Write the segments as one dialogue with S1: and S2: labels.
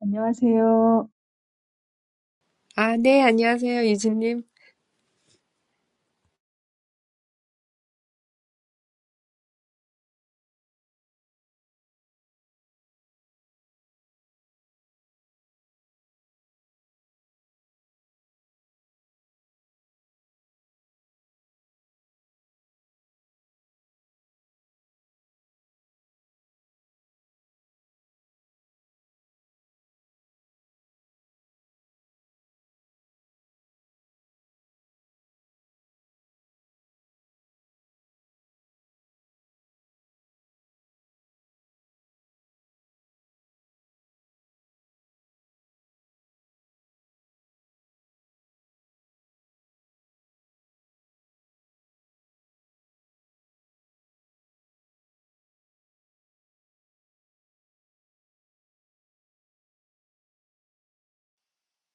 S1: 안녕하세요.
S2: 아, 네, 안녕하세요, 유진님.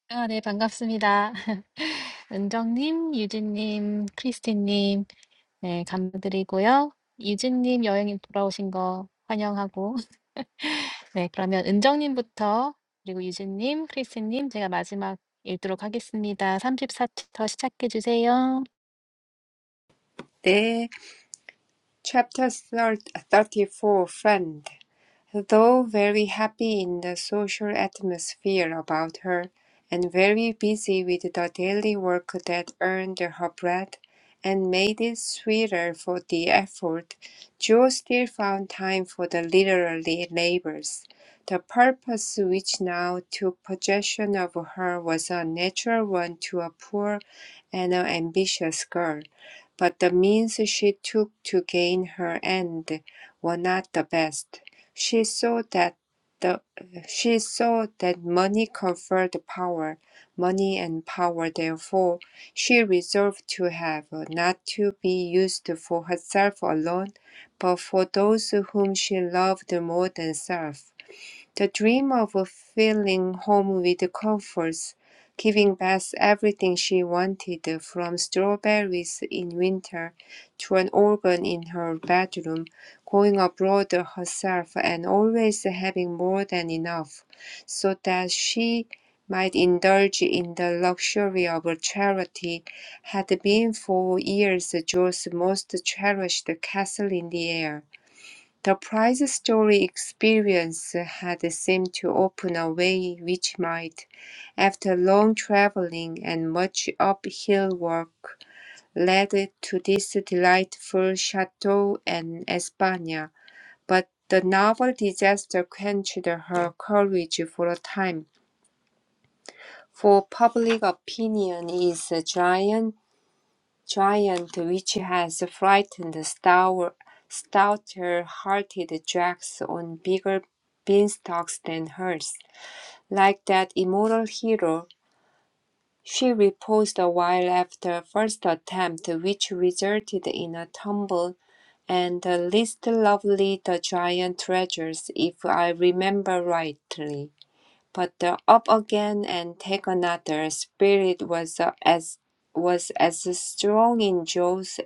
S3: 아, 네, 반갑습니다. 은정님, 유진님, 크리스틴님, 네, 감사드리고요. 유진님 여행이 돌아오신 거 환영하고, 네, 그러면 은정님부터, 그리고 유진님, 크리스틴님, 제가 마지막 읽도록 하겠습니다. 3 4초터 시작해 주세요.
S2: 네, Chapter 34, Friend. though very happy in the social atmosphere about her, and very busy with the daily work that earned her bread and made it sweeter for the effort, Jo still found time for the literary labors. The purpose which now took possession of her was a natural one to a poor and an ambitious girl, but the means she took to gain her end were not the best. She saw that the she saw that money conferred power, money and power therefore she resolved to have, not to be used for herself alone, but for those whom she loved more than self. The dream of filling home with comforts, giving Beth everything she wanted from strawberries in winter to an organ in her bedroom, going abroad herself and always having more than enough so that she might indulge in the luxury of charity had been for years Joe's most cherished castle in the air. The prize story experience had seemed to open a way which might, after long travelling and much uphill work, lead to this delightful chateau in Espana. but the novel disaster quenched her courage for a time, for public opinion is a giant giant which has frightened stout, stouter-hearted jacks on bigger beanstalks than hers. Like that immortal hero, she reposed a while after first attempt, which resulted in a tumble, and the least lovely the giant treasures, if I remember rightly. But the up again and take another spirit was uh, as was as strong in Joe's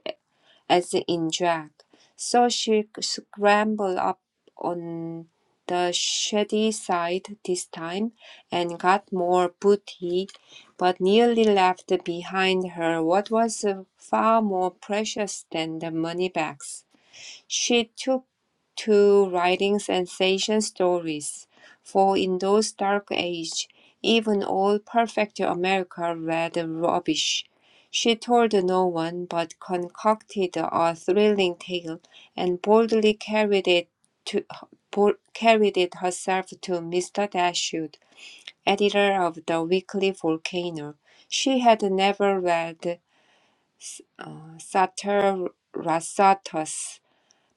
S2: as in drag. So she scrambled up on the shady side this time and got more booty, but nearly left behind her what was uh, far more precious than the money bags. She took to writing sensation stories, for in those dark ages, even old Perfecto America read rubbish. She told no one, but concocted a thrilling tale, and boldly carried it to carried it herself to Mr. Dashwood, editor of the Weekly Volcano. She had never read uh, Satir Rasatos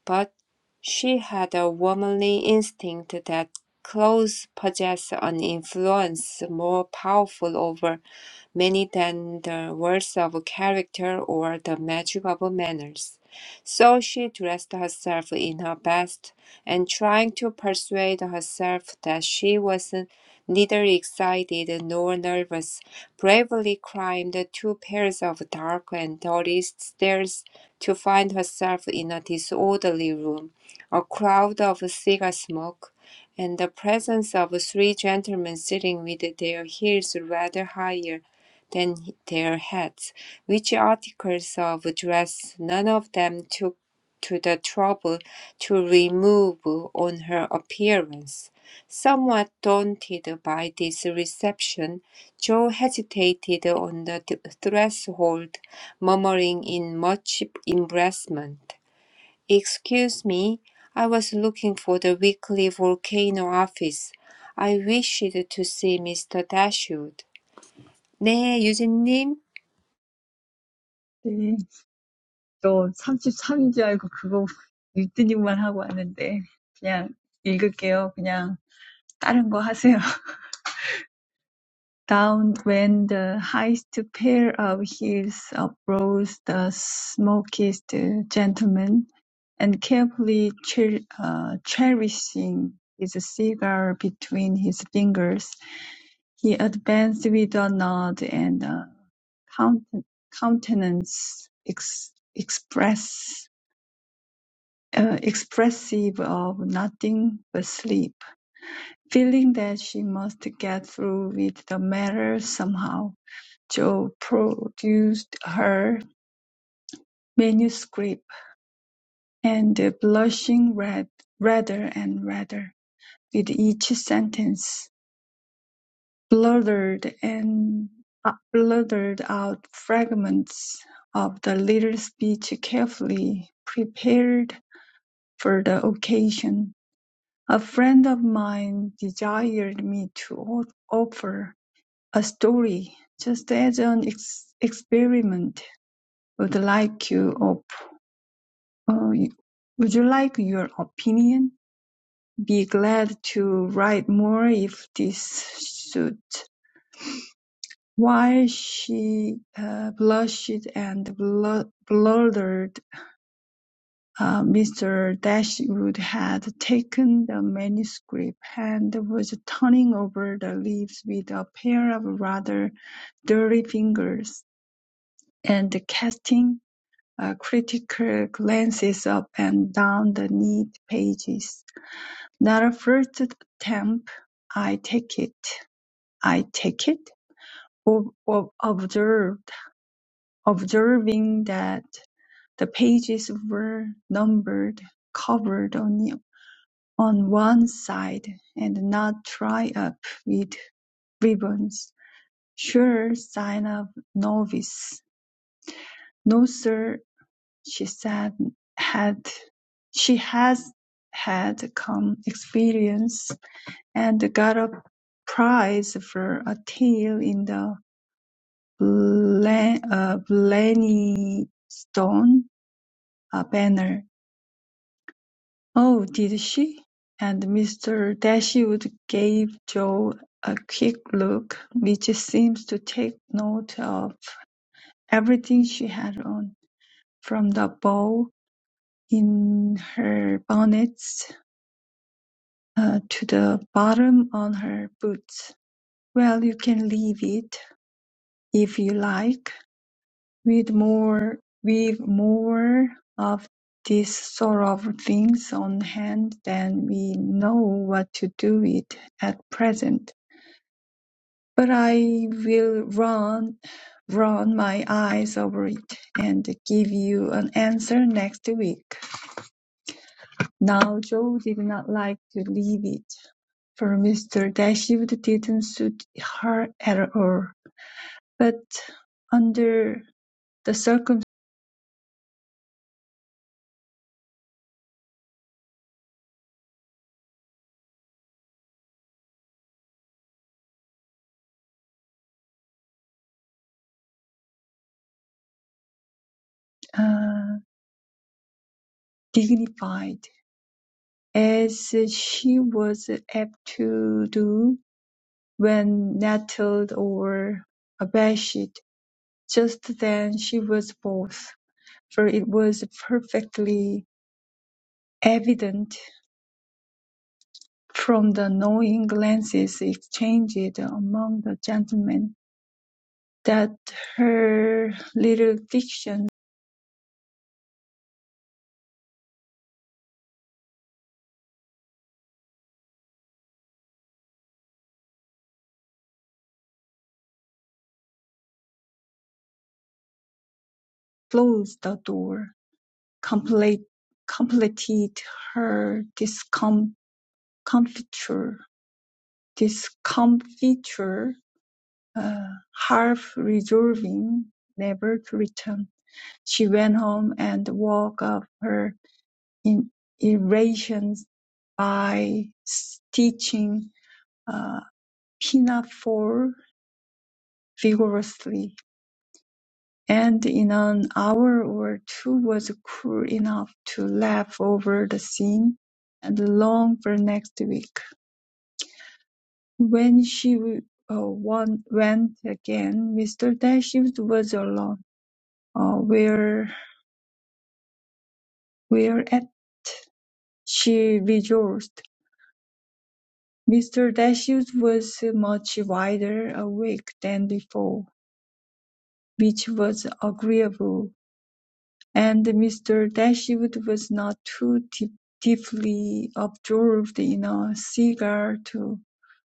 S2: but she had a womanly instinct that clothes possess an influence more powerful over many than the worth of character or the magic of manners. So she dressed herself in her best, and trying to persuade herself that she was neither excited nor nervous, bravely climbed two pairs of dark and dirty stairs to find herself in a disorderly room, a cloud of cigar smoke, and the presence of three gentlemen sitting with their heels rather higher than their hats, which articles of dress none of them took to the trouble to remove on her appearance. Somewhat daunted by this reception, Jo hesitated on the th- threshold, murmuring in much embarrassment, Excuse me, I was looking for the weekly volcano office. I wished to see Mr. Dashwood. 네, 유진님.
S1: 네. 저 33인 줄 알고 그거 읽더니만 하고 왔는데 그냥 읽을게요. 그냥 다른 거 하세요. Down when the highest pair of heels uprose the smokiest gentleman, and carefully cher- uh, cherishing his cigar between his fingers, he advanced with a nod and a counten- countenance ex- express uh, expressive of nothing but sleep, feeling that she must get through with the matter somehow. Jo produced her manuscript and blushing red redder and redder with each sentence, blurted and uh, blurted out fragments of the little speech carefully prepared for the occasion A friend of mine desired me to o- offer a story just as an ex- experiment. Would like you op- uh, would you like your opinion? Be glad to write more if this suits. While she uh, blushed and blu- blurred Uh, Mr. Dashwood had taken the manuscript, and was turning over the leaves with a pair of rather dirty fingers, and casting uh, critical glances up and down the neat pages. Not a first attempt, I take it. I take it. Ob- ob- observed, observing that the pages were numbered, covered only on one side and not tie up with ribbons. "Sure sign of novice." "No, sir," she said had she has had come experience, and got a prize for a tale in the Blen- uh, Blenheim Stone uh, Banner. "Oh, did she?" and Mr. Dashwood gave Joe a quick look which seemed to take note of everything she had on, from the bow in her bonnet uh, to the bottom on her boots. "Well, you can leave it, if you like. We'd more we've more of these sort of things on hand than we know what to do with at present. But I will run run my eyes over it and give you an answer next week. Now Joe did not like to leave it, for Mr. Dashwood didn't suit her at all. But under the circum uh, dignified As she was apt to do when nettled or abashed. Just then she was both, for it was perfectly evident from the knowing glances exchanged among the gentlemen that her little diction closed the door, complete, completed her discomfiture. Discomfiture uh, Half resolving never to return, she went home and woke up her in- elation by stitching a pinafore vigorously, and in an hour or two was cool enough to laugh over the scene and long for next week. When she uh, won- went again, Mr. Dashwood was alone. Uh, where Whereat she rejoiced. Mr. Dashwood was much wider awake than before, which was agreeable; and Mr. Dashwood was not too deep, deeply absorbed in a cigar to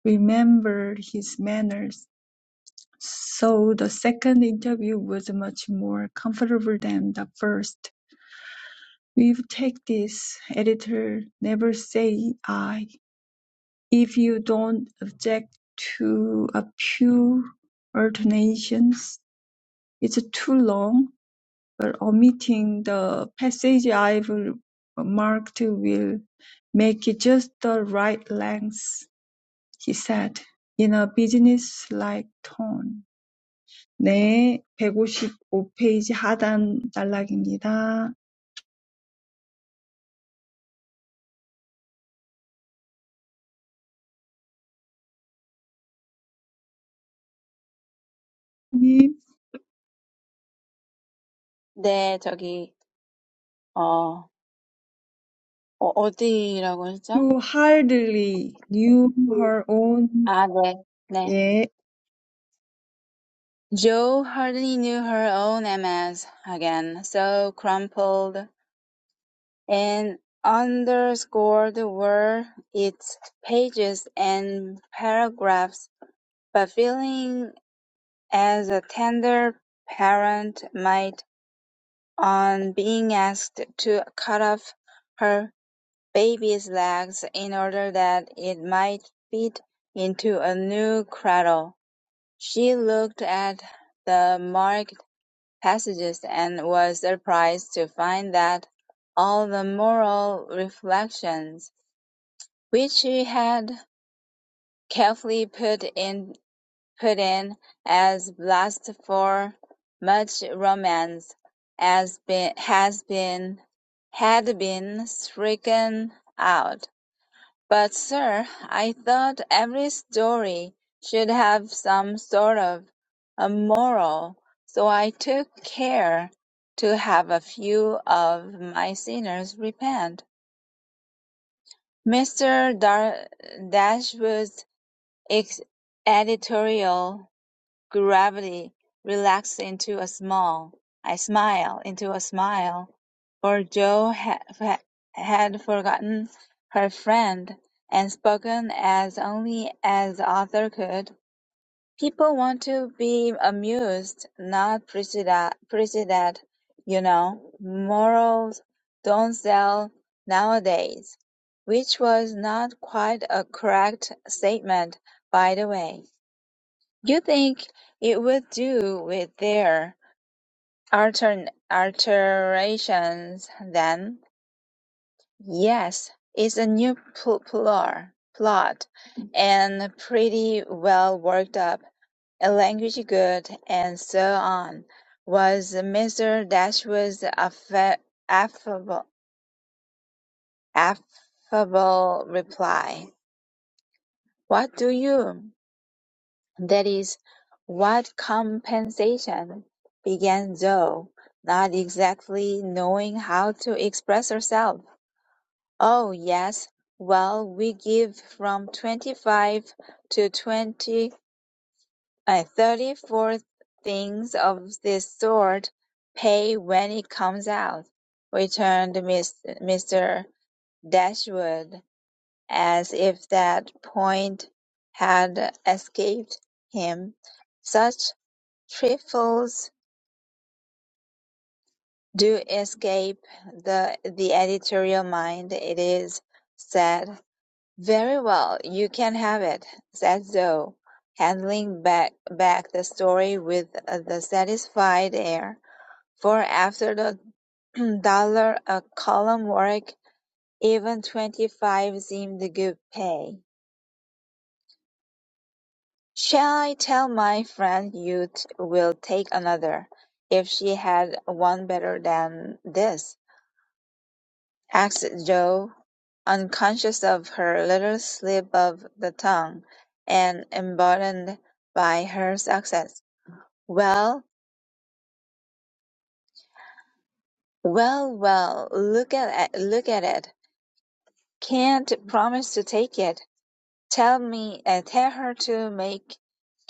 S1: remember his manners, so the second interview was much more comfortable than the first. "We'll take this, editor; never say I. If you don't object to a few alternations, it's too long, but omitting the passage I've marked will make it just the right length, he said, in a business-like tone. 네, 백오십오 페이지 하단 단락입니다. 님,
S4: 네, 저기, 어, 어, 어디라고 했죠?
S1: who hardly knew
S4: 음.
S1: her own,
S4: 아, 네. 네.
S1: 예.
S4: Joe hardly knew her own MS again, so crumpled and underscored were its pages and paragraphs, but feeling as a tender parent might on being asked to cut off her baby's legs in order that it might fit into a new cradle. She looked at the marked passages and was surprised to find that all the moral reflections which she had carefully put in put in as blast for much romance as been has been had been stricken out But, sir, I thought every story should have some sort of a moral, so I took care to have a few of my sinners repent. Mr. Dar- Dashwood's ex- editorial gravity relaxed into a smile. I smile into a smile, for Jo ha- ha- had forgotten her friend and spoken as only as Arthur could. People want to be amused, not prejudi- prejudiced. You know, morals don't sell nowadays, which was not quite a correct statement, by the way. You think it would do with their altern- alterations then? Yes, it's a new pl- plur- plot, and pretty well worked up, a language good, and so on. Was Mr. Dashwood's affa- affable, affable reply. What do you? That is what compensation began Zoe, not exactly knowing how to express herself. Oh yes, well we give from twenty-five to twenty, uh, thirty things of this sort. Pay when it comes out, returned Miss, Mr. Dashwood, as if that point had escaped him. Such Trifles do escape the the editorial mind. It is said, "Very well, you can have it," said Zoe, handling back back the story with uh, the satisfied air. For after the dollar a column work, even twenty five seemed good pay. Shall I tell my friend you t- will take another, if she had one better than this? asked Jo, unconscious of her little slip of the tongue, and emboldened by her success. "Well, well, well, look at it, look at it. Can't promise to take it. Tell me, uh, tell her to make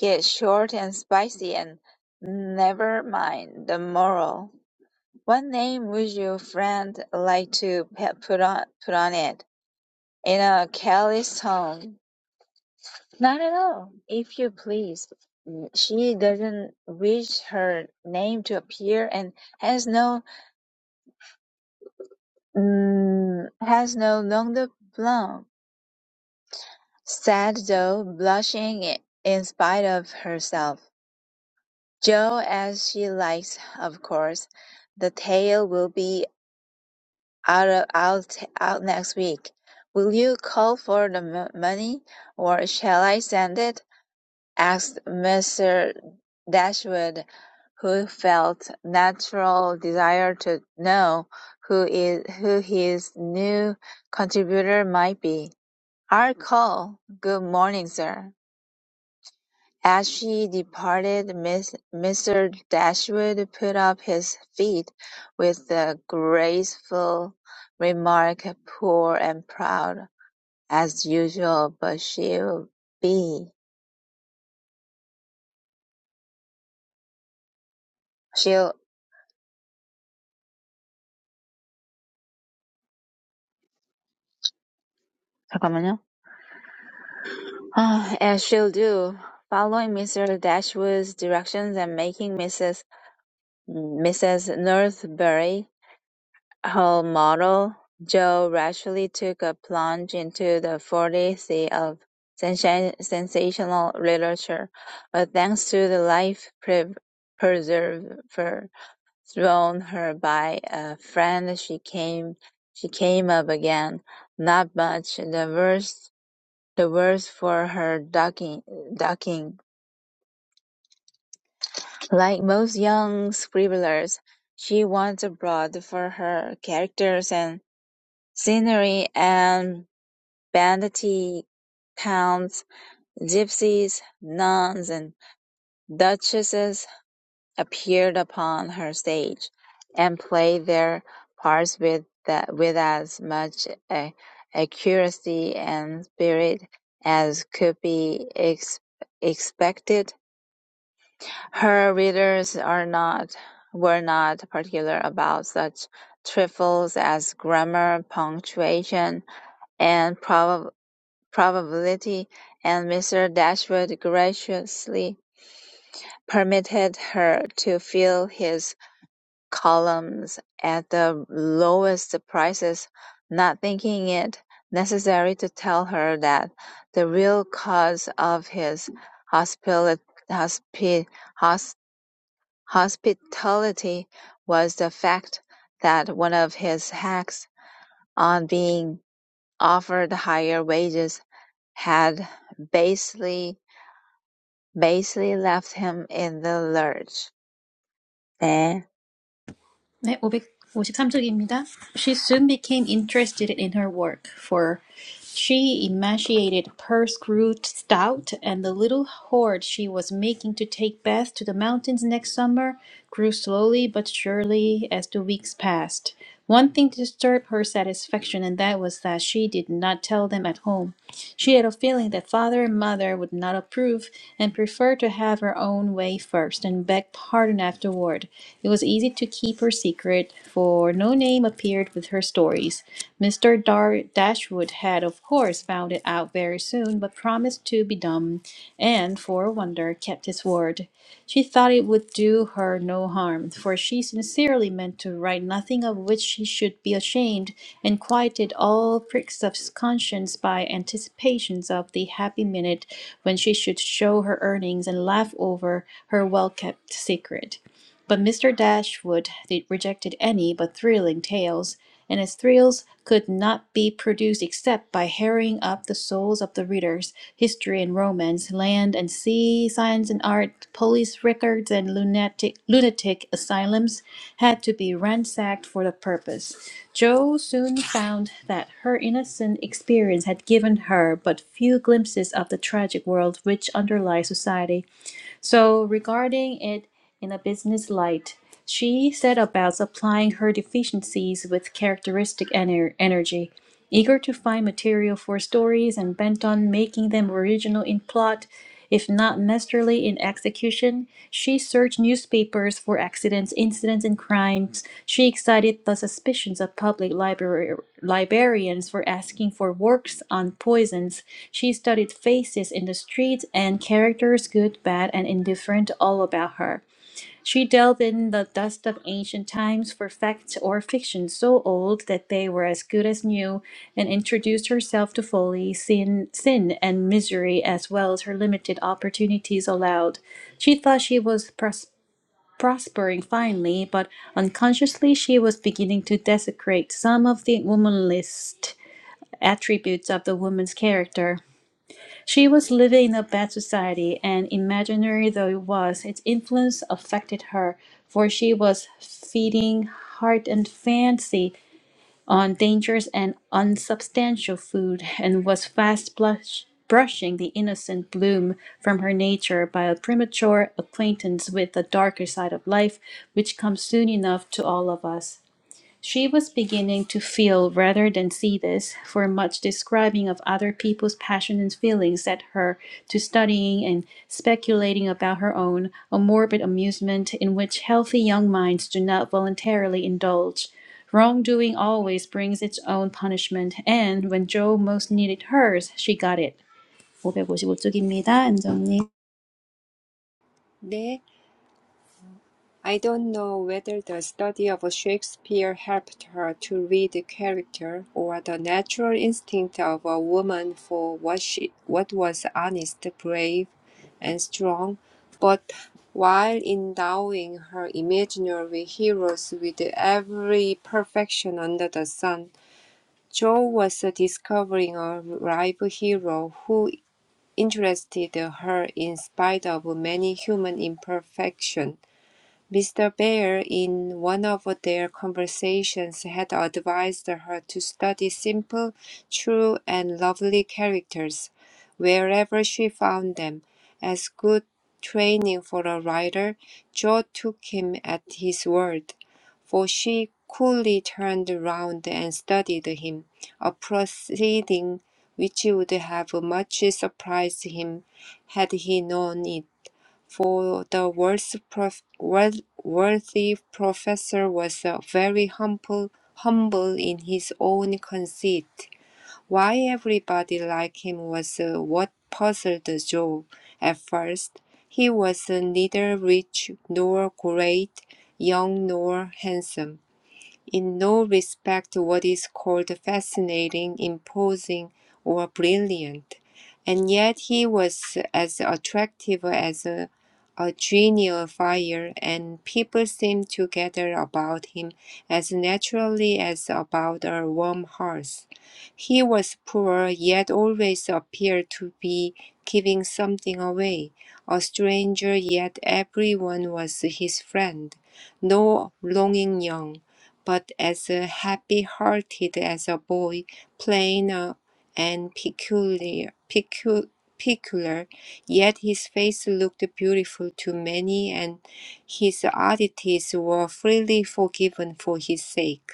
S4: it short and spicy, and never mind the moral. What name would your friend like to pe- put on put on it?" In a careless tone. Not at all. If you please, Mm, she doesn't wish her name to appear and has no mm, has no longer blonde, said Joe, blushing i- in spite of herself. Joe, as she likes, of course. The tale will be out of, out out next week. Will you call for the m- money, or shall I send it? asked Mr. Dashwood, who felt natural desire to know who is who his new contributor might be. Our call. Good morning, sir." As she departed, Miss, Mr. Dashwood put up his feet with the graceful remark, "Poor and proud, as usual, but she'll be she'll." 잠깐만요. Ah, As she'll do, following Mr. Dashwood's directions and making Mrs. Mrs. Northberry her model, Jo rashly took a plunge into the forty sea of sensa- sensational literature, but thanks to the life pre- preserver thrown her by a friend, she came she came up again, not much the worse the worse for her ducking. ducking. Like most young scribblers, she went abroad for her characters and scenery and banditti counts, gypsies, nuns, and duchesses appeared upon her stage and played their parts with, that, with as much a, accuracy and spirit as could be ex- expected Her readers are not were not particular about such trifles as grammar, punctuation, and prob- probability, and Mr. Dashwood graciously permitted her to fill his columns at the lowest prices, not thinking it necessary to tell her that the real cause of his hospili- hospi- hos- Hospitality was the fact that one of his hacks on being offered higher wages had basically basically left him in the lurch. 네,
S3: 네, 553쪽입니다. She soon became interested in her work, for she emaciated her screwed stout, and the little hoard she was making to take Beth to the mountains next summer grew slowly but surely as the weeks passed. One thing disturbed her satisfaction, and that was that she did not tell them at home. She had a feeling that father and mother would not approve and preferred to have her own way first and beg pardon afterward. It was easy to keep her secret, for no name appeared with her stories. Mr. Dar- Dashwood had, of course, found it out very soon, but promised to be dumb, and, for a wonder, kept his word. She thought it would do her no harm, for she sincerely meant to write nothing of which she should be ashamed, and quieted all pricks of conscience by anticipations of the happy minute when she should show her earnings and laugh over her well kept secret. But Mr. Dashwood rejected any but thrilling tales, and as thrills could not be produced except by harrying up the souls of the readers, history and romance, land and sea, science and art, police records and lunatic, lunatic asylums had to be ransacked for the purpose. Jo soon found that her innocent experience had given her but few glimpses of the tragic world which underlies society so, regarding it in a business light, she set about applying her deficiencies with characteristic ener- energy. Eager to find material for stories and bent on making them original in plot, if not necessarily in execution, she searched newspapers for accidents, incidents, and crimes. She excited the suspicions of public library, librarians for asking for works on poisons. She studied faces in the streets and characters, good, bad, and indifferent, all about her. She delved in the dust of ancient times for facts or fiction so old that they were as good as new, and introduced herself to folly, sin, sin and misery, as well as her limited opportunities allowed. She thought she was pros- prospering finely, but unconsciously she was beginning to desecrate some of the womanliest attributes of the woman's character. She was living in a bad society, and imaginary though it was, its influence affected her, for she was feeding heart and fancy on dangerous and unsubstantial food, and was fast blush, brushing the innocent bloom from her nature by a premature acquaintance with the darker side of life, which comes soon enough to all of us. She was beginning to feel rather than see this, for much describing of other people's passions and feelings set her to studying and speculating about her own, a morbid amusement in which healthy young minds do not voluntarily indulge. Wrongdoing always brings its own punishment, and when Joe most needed hers, she got it. 555쪽입니다, 안정님.
S2: There, I don't know whether the study of Shakespeare helped her to read the character, or the natural instinct of a woman for what she, what was honest, brave, and strong. But while endowing her imaginary heroes with every perfection under the sun, Jo was discovering a rival hero who interested her in spite of many human imperfections. Mr. Bear, in one of their conversations, had advised her to study simple, true, and lovely characters wherever she found them, as good training for a writer. Jo took him at his word, for she coolly turned round and studied him, a proceeding which would have much surprised him had he known it for the worth- prof- worth- worthy professor was uh, very humble, humble in his own conceit. Why everybody liked him was uh, what puzzled Joe at first. He was uh, neither rich nor great, young nor handsome in no respect what is called fascinating, imposing, or brilliant, and yet he was as attractive as a, a genial fire, and people seemed to gather about him as naturally as about a warm hearth. He was poor, yet always appeared to be giving something away, a stranger, yet everyone was his friend, no longing young but as happy-hearted as a boy, plain uh, and peculiar, pecu- peculiar, yet his face looked beautiful to many, and his oddities were freely forgiven for his sake.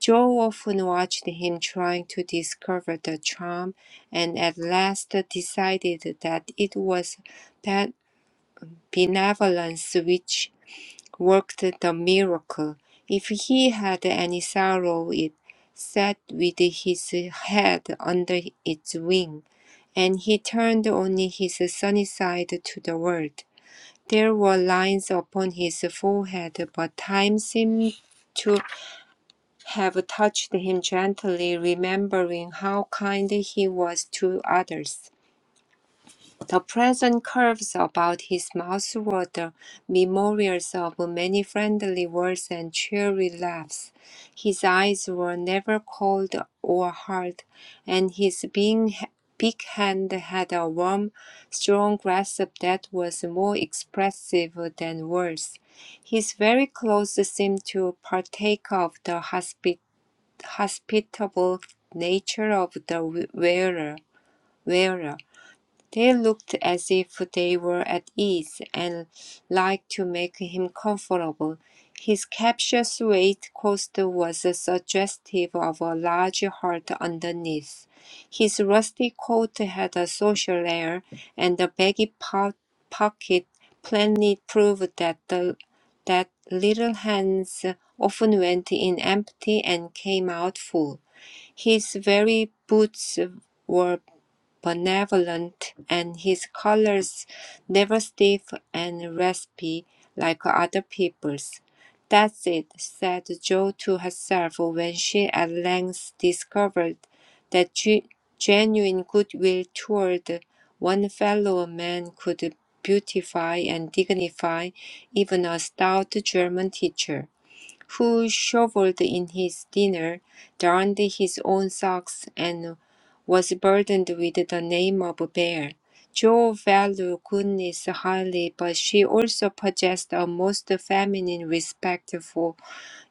S2: Joe often watched him trying to discover the charm, and at last decided that it was that benevolence which worked the miracle. If he had any sorrow, it sat with his head under its wing, and he turned only his sunny side to the world. There were lines upon his forehead, but time seemed to have touched him gently, remembering how kind he was to others. The present curves about his mouth were the memorials of many friendly words and cheery laughs. His eyes were never cold or hard, and his being, big hand had a warm, strong grasp that was more expressive than words. His very clothes seemed to partake of the hospi- hospitable nature of the wearer. wearer. They looked as if they were at ease and liked to make him comfortable. His capacious waistcoat was suggestive of a large heart underneath. His rusty coat had a social air, and the baggy po- pocket plainly proved that the that little hands often went in empty and came out full. His very boots were benevolent, and his colors never stiff and raspy like other people's. That's it, said Jo to herself when she at length discovered that ge- genuine goodwill toward one fellow man could beautify and dignify even a stout German teacher who shovelled in his dinner, darned his own socks, and was burdened with the name of Bear. Jo valued goodness highly, but she also possessed a most feminine respect for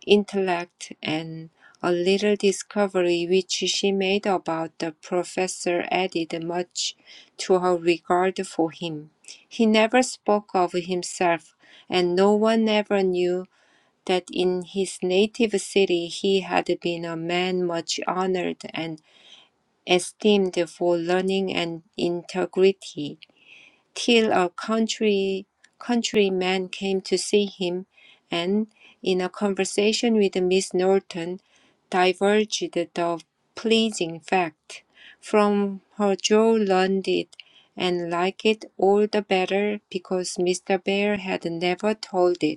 S2: intellect and a little discovery which she made about the professor added much to her regard for him. He never spoke of himself, and no one ever knew that in his native city he had been a man much honored and esteemed for learning and integrity, till a country countryman came to see him, and in a conversation with Miss Norton, diverged the pleasing fact from her Joe learned it, and liked it all the better because Mr. Bear had never told it.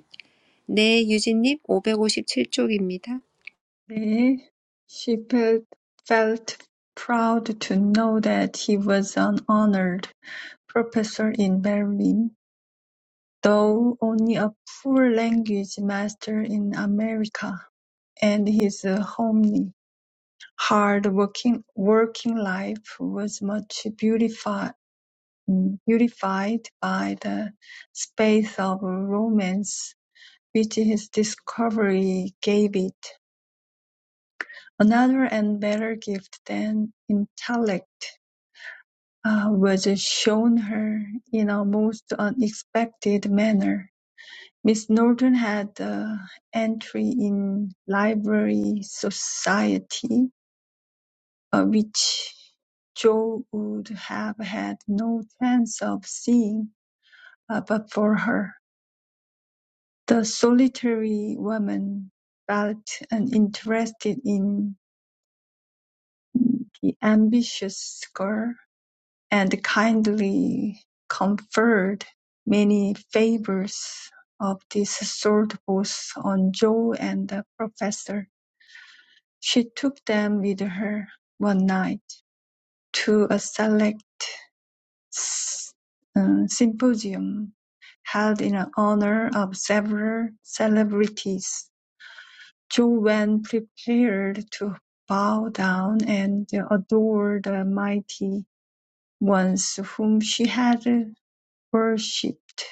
S2: 네, 유진님, 오백오십칠 쪽입니다.
S1: Ultimately, She felt felt proud to know that he was an honored professor in Berlin, though only a poor language master in America, and his homely, hard-working working life was much beautifi- beautified by the space of romance which his discovery gave it. Another and better gift than intellect ah, was shown her in a most unexpected manner. Miss Norton had uh, entry in Library Society, uh, which Joe would have had no chance of seeing uh, but for her. The solitary woman felt uninterested in the ambitious girl and kindly conferred many favours of this sort both on Jo and the Professor. She took them with her one night to a select uh, symposium held in honor of several celebrities. Jo went prepared to bow down and adore the mighty ones whom she had worshipped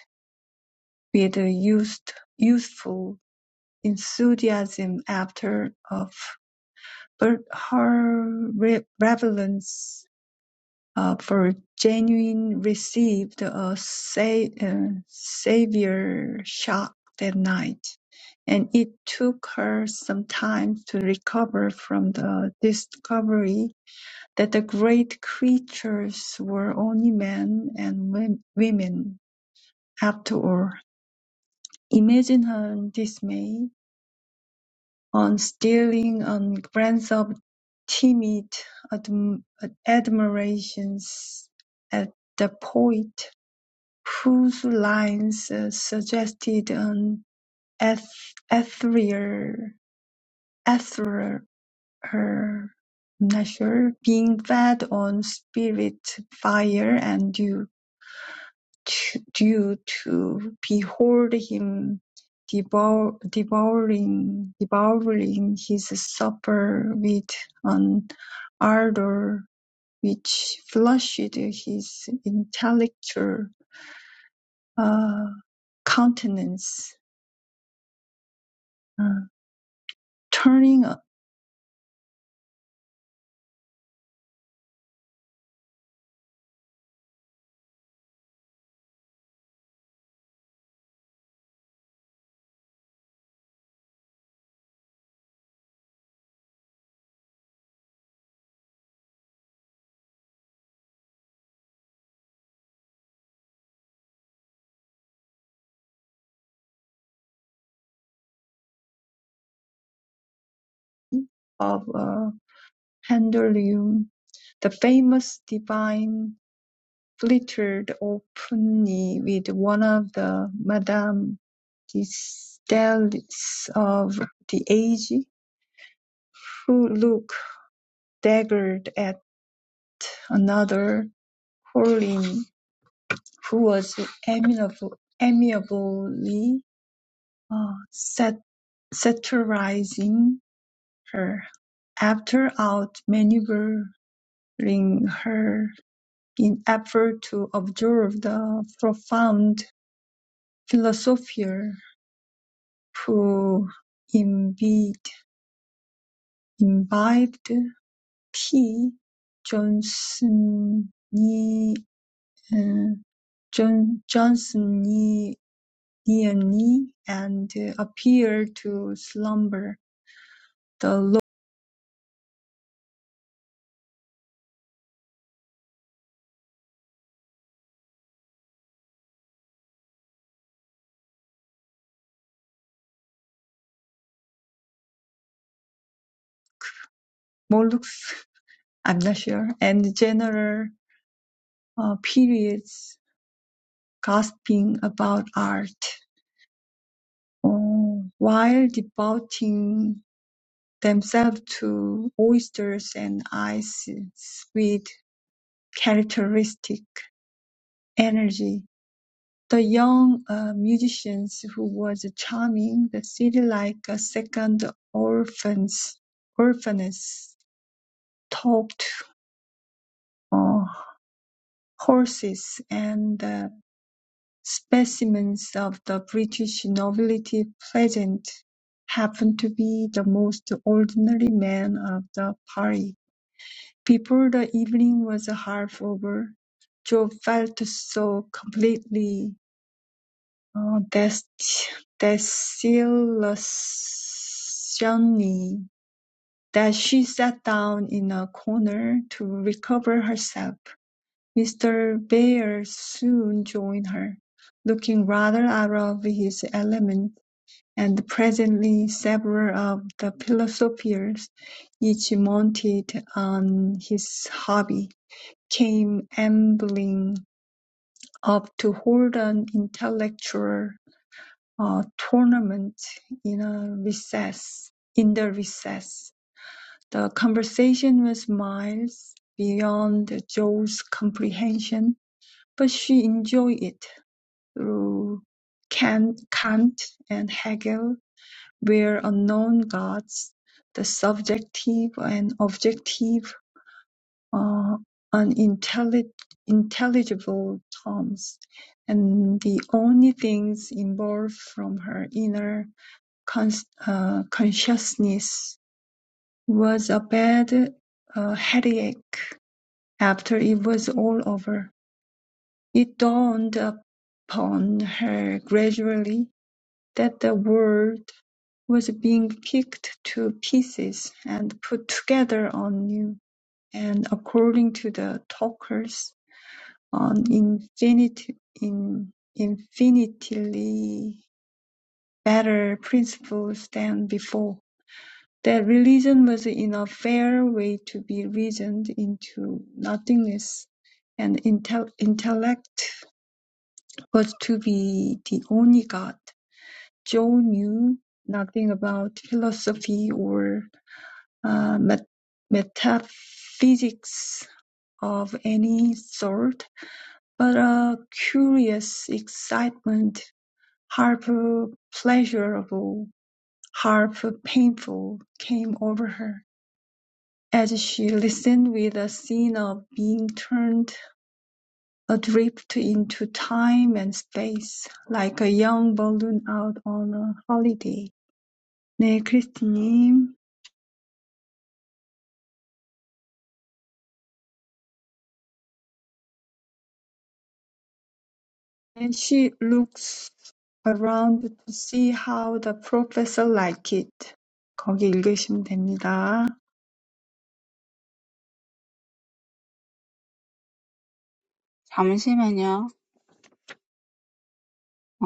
S1: with a youth- youthful enthusiasm after of but her reverence uh, for genuine received a sa- uh, severe shock that night, and it took her some time to recover from the discovery that the great creatures were only men and wom- women after all. Imagine her dismay on staring a glance of timid adm- admiration at the poet, whose lines uh, suggested an eth- ethereal, ethereal, I'm not sure, being fed on spirit, fire, and dew. to- due to behold him devour, devouring, devouring his supper with an ardor which flushed his intellectual uh, countenance, uh, turning of a pendulum, the famous divine flirted openly with one of the Madame Disdales of the age, who looked daggers at another Corinne, who was amiable, amiably uh, sat- satirizing her. After outmaneuvering her in effort to observe the profound philosopher who imbibed imbibed P. Johnsonian John- Johnsonian and uh, appear to slumber. The Lo- I'm not sure, and general uh, periods gossiping about art, uh, while devoting themselves to oysters and ice, sweet characteristic energy. The young uh, musicians who was charming the city like a second orphans, orphaness, talked uh, horses and uh, specimens of the British nobility present happened to be the most ordinary men of the party. Before the evening was half over, Joe felt so completely Uh, Desilusioni that she sat down in a corner to recover herself. Mr. Bear soon joined her, looking rather out of his element, and presently several of the philosophers, each mounted on his hobby, came ambling up to hold an intellectual uh, tournament in a recess, in the recess. The conversation was miles beyond Joe's comprehension, but she enjoyed it through Kant, Kant and Hegel where unknown gods, the subjective and objective are unintelligible intelligible terms, and the only things involved from her inner con- uh, Consciousness was a bad uh, headache after it was all over. It dawned upon her gradually that the world was being picked to pieces and put together anew, and according to the talkers, an infinite, in, infinitely better principles than before. That religion was in a fair way to be reasoned into nothingness, and intel- intellect was to be the only god. Joe knew nothing about philosophy or uh, met- metaphysics of any sort, but a curious excitement, half pleasurable, half painful, came over her. As she listened with a scene of being turned adrift into time and space, like a young balloon out on a holiday. 네, 크리스티님. And she looks around to see how the professor like it. 거기 읽으시면 됩니다.
S4: 잠시만요. 어,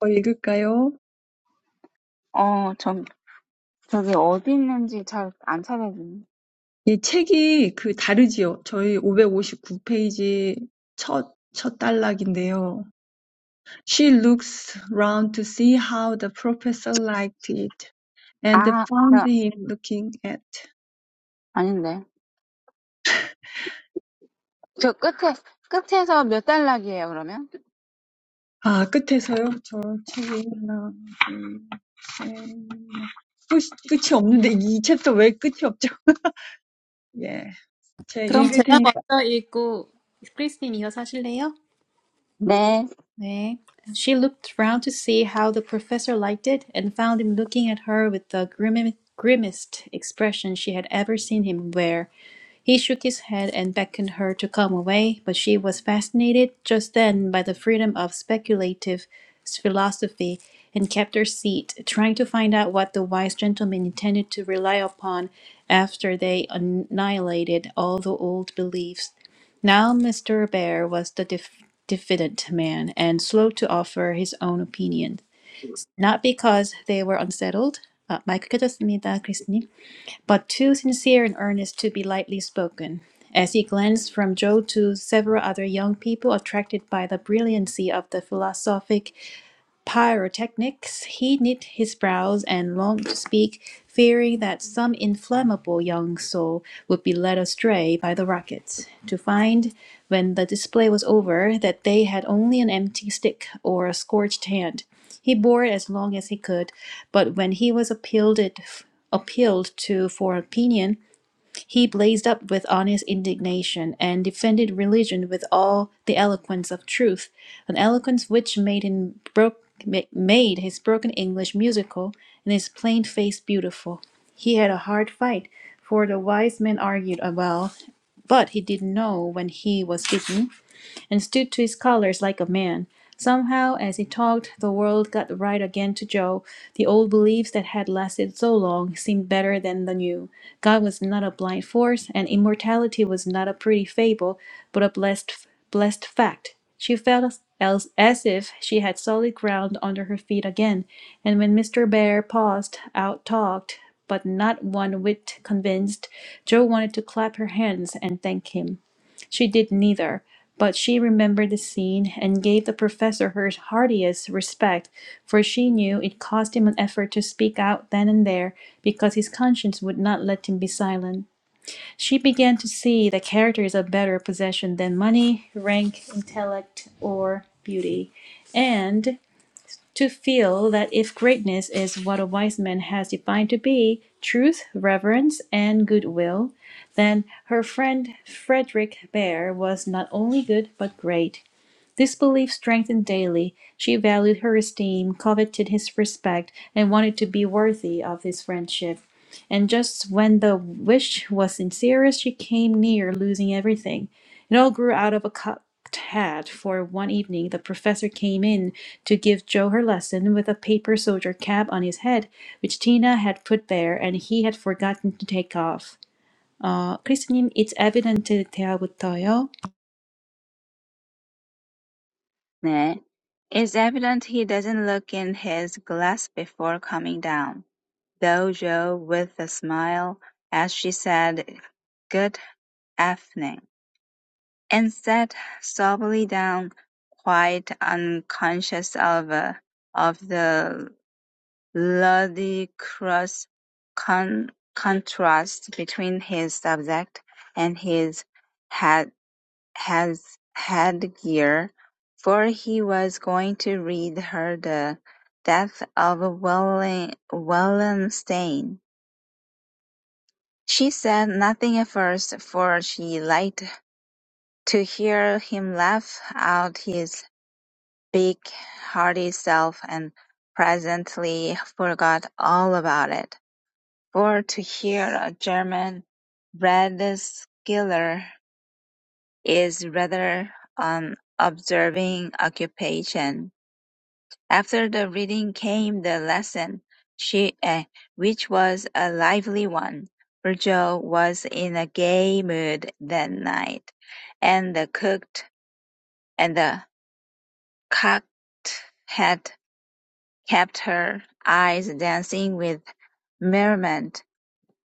S1: 어, 읽을까요?
S4: 어, 저, 저기 어디 있는지 잘안 찾아지네.
S1: 예, 책이 그 다르지요. 저희 559 페이지 첫, 첫 단락인데요. She looks round to see how the professor liked it, and
S4: 아,
S1: found
S4: 저,
S1: him looking at
S4: 아닌데. 저 끝에, 끝에서 몇 달락이에요, 그러면?
S1: 아, 끝에서요? 저 책이 하나, 둘, 셋, 끝, 끝이 없는데 이 챕터 왜 끝이 없죠? 예, 제가
S3: 그럼
S1: 읽을
S3: 제가
S1: 테니까.
S3: 먼저 읽고 크리스님 이어서 하실래요?
S4: 네.
S3: 네. She looked round to see how the professor liked it, and found him looking at her with the grim- grimmest expression she had ever seen him wear. He shook his head and beckoned her to come away, but she was fascinated just then by the freedom of speculative philosophy, and kept her seat, trying to find out what the wise gentleman intended to rely upon after they annihilated all the old beliefs. Now Mr. Bear was the def- diffident man and slow to offer his own opinion, not because they were unsettled, 아, 마이크 켜졌습니다, 크리스님, but too sincere and earnest to be lightly spoken. As he glanced from Joe to several other young people attracted by the brilliancy of the philosophic pyrotechnics, he knit his brows and longed to speak, fearing that some inflammable young soul would be led astray by the rockets. to find, when the display was over, that they had only an empty stick or a scorched hand. He bore it as long as he could, but when he was appealed it appealed to for opinion, he blazed up with honest indignation, and defended religion with all the eloquence of truth, an eloquence which made him broke made his broken English musical and his plain face beautiful. He had a hard fight, for the wise man argued uh, well, but he didn't know when he was beaten and stood to his colors like a man. Somehow, as he talked, the world got right again to Joe. The old beliefs that had lasted so long seemed better than the new. God was not a blind force, and immortality was not a pretty fable, but a blessed, blessed fact. She felt as, as as if she had solid ground under her feet again, and when Mr. Bear paused, out talked, but not one whit convinced, Joe wanted to clap her hands and thank him. She did neither, but she remembered the scene and gave the professor her heartiest respect, for she knew it cost him an effort to speak out then and there because his conscience would not let him be silent. She began to see that character is a better possession than money, rank, intellect, or beauty, and to feel that if greatness is what a wise man has defined to be truth, reverence, and goodwill, then her friend Frederick Bear was not only good but great. This belief strengthened daily. She valued her esteem, coveted his respect, and wanted to be worthy of his friendship. And just when the wish was sincerest, she came near losing everything. It all grew out of a cocked hat, for one evening the professor came in to give Jo her lesson with a paper soldier cap on his head, which Tina had put there and he had forgotten to take off. 어, 크리스님, it's evident 대화부터요.
S4: It's evident he doesn't look in his glass before coming down, though Jo, with a smile as she said "Good evening," and sat soberly down, quite unconscious of uh, of the ludicrous con- contrast between his subject and his ha- has headgear, for he was going to read her the death of Wallen, Wallenstein. She said nothing at first, for she liked to hear him laugh out his big hearty self, and presently forgot all about it. For to hear a German Redskeller is rather an observing occupation. After the reading came the lesson, she, eh, which was a lively one. Virgil was in a gay mood that night, and the cooked and the cocked had kept her eyes dancing with merriment.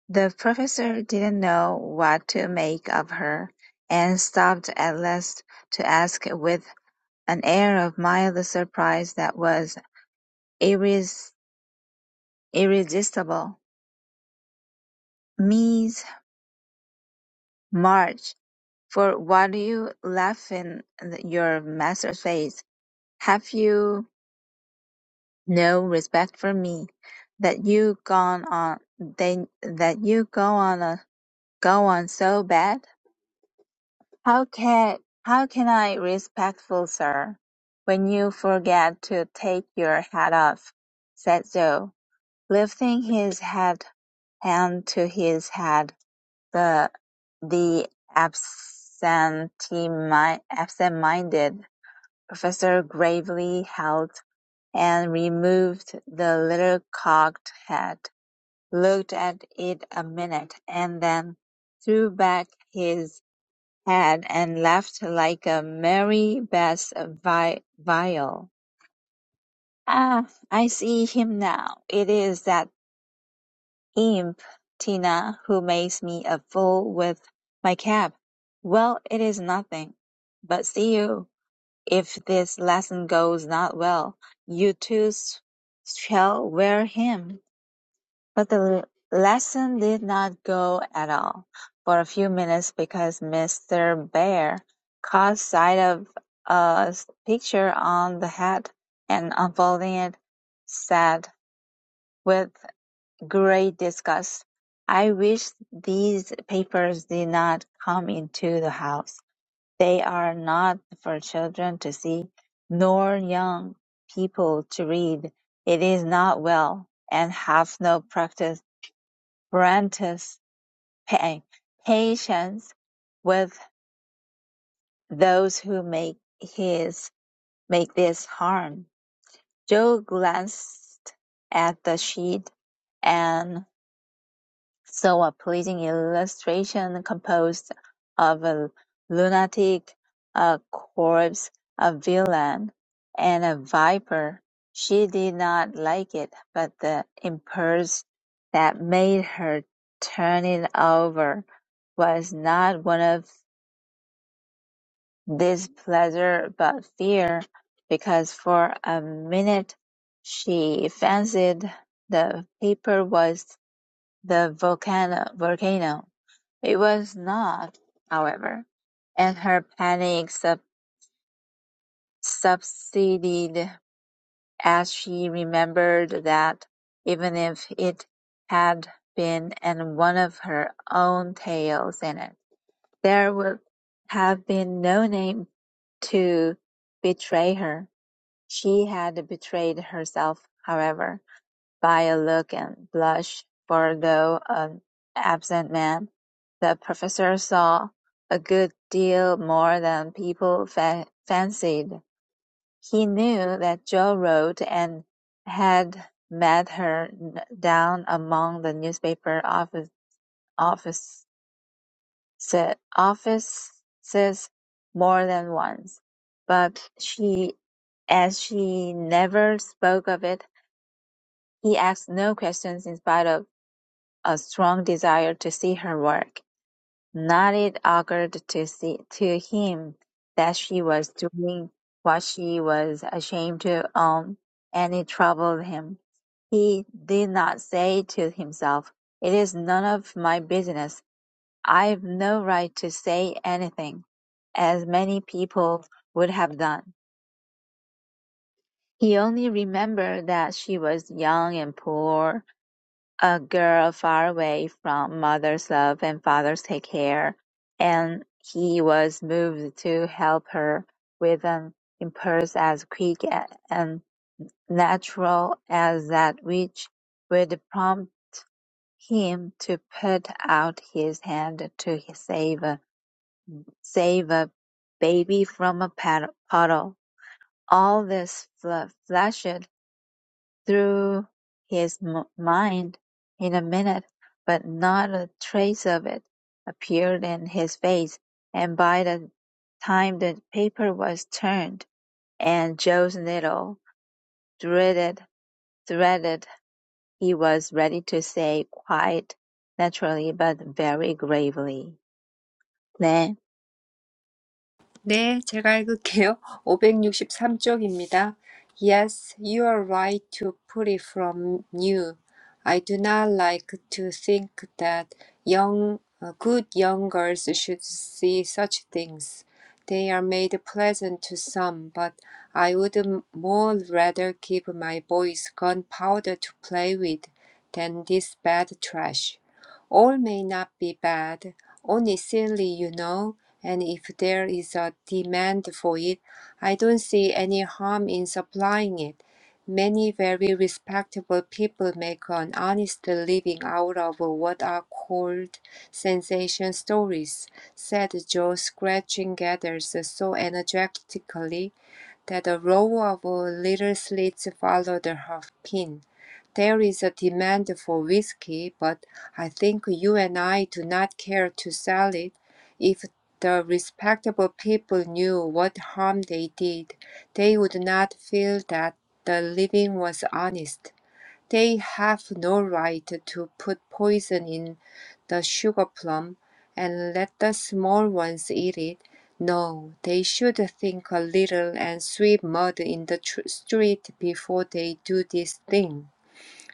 S4: The professor didn't know what to make of her, and stopped at last to ask with an air of mild surprise that was iris- irresistible. Miss March, for what you laugh in your master's face, have you no respect for me, that you gone on they, that you go on a, go on so bad? How can how can I respectful, sir, when you forget to take your hat off? said Joe, lifting his hat hand to his head The the absentee absent-minded professor gravely held and removed the little cocked hat, looked at it a minute, and then threw back his head and laughed like a merry bass vi- viol. "Ah, I see him now. It is that Imp, Tina, who makes me a fool with my cap. Well, it is nothing. But see you, if this lesson goes not well, you too shall wear him. But the lesson did not go at all for a few minutes because Mr. Bear caught sight of a picture on the hat and unfolding it, said with Great discussed, I wish these papers did not come into the house. They are not for children to see, nor young people to read. It is not well, and hath no practice, prentice pa- patience with those who make his make this harm. Joe glanced at the sheet, and. So a pleasing illustration composed of a lunatic, a corpse, a villain, and a viper. She did not like it, but the impulse that made her turn it over was not one of displeasure but fear, because for a minute she fancied the paper was the volcano. volcano it was not, however, and her panic sub- subsided as she remembered that, even if it had been and one of her own tales in it, there would have been no name to betray her. She had betrayed herself, however. By a look and blush for though an absent man, the Professor saw a good deal more than people fa- fancied. He knew that Jo wrote and had met her down among the newspaper office, office, offices more than once, but she, as she never spoke of it, he asked no questions in spite of A strong desire to see her work, Not Knight occurred to see to him that she was doing what she was ashamed to own, and it troubled him. He did not say to himself, "It is none of my business. I've no right to say anything," as many people would have done. He only remembered that she was young and poor, a girl far away from mother's love and father's take care, and he was moved to help her with an impulse as quick and natural as that which would prompt him to put out his hand to save a, save a baby from a pad- puddle. All this fl- flashed through his m- mind in a minute, but not a trace of it appeared in his face, and by the time the paper was turned and Joe's needle threaded, threaded, he was ready to say quite naturally but very gravely. 네,
S2: 네, 제가 읽을게요. 오백육십삼 쪽입니다. Yes, you are right to put it from you. I do not like to think that young, uh, good young girls should see such things. They are made pleasant to some, but I would m- more rather give my boys gunpowder to play with than this bad trash. All may not be bad, only silly, you know and if there is a demand for it, I don't see any harm in supplying it. Many very respectable people make an honest living out of what are called sensation stories, said Joe, scratching gathers so energetically that a row of little slits followed her pin. There is a demand for whiskey, but I think you and I do not care to sell it. if. The respectable people knew what harm they did. They would not feel that the living was honest. They have no right to put poison in the sugar plum and let the small ones eat it. No, they should think a little and sweep mud in the tr- street before they do this thing.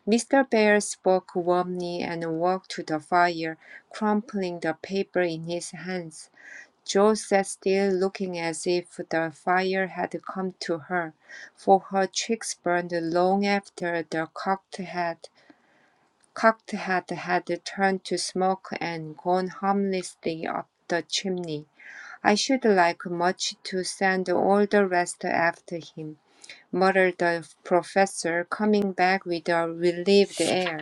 S2: Mr. Bear spoke warmly and walked to the fire, crumpling the paper in his hands. Jo sat still, looking as if the fire had come to her, for her cheeks burned long after the cocked hat, cocked hat had turned to smoke and gone harmlessly up the chimney. I should like much to send all the rest after him, muttered the professor, coming back with a relieved air.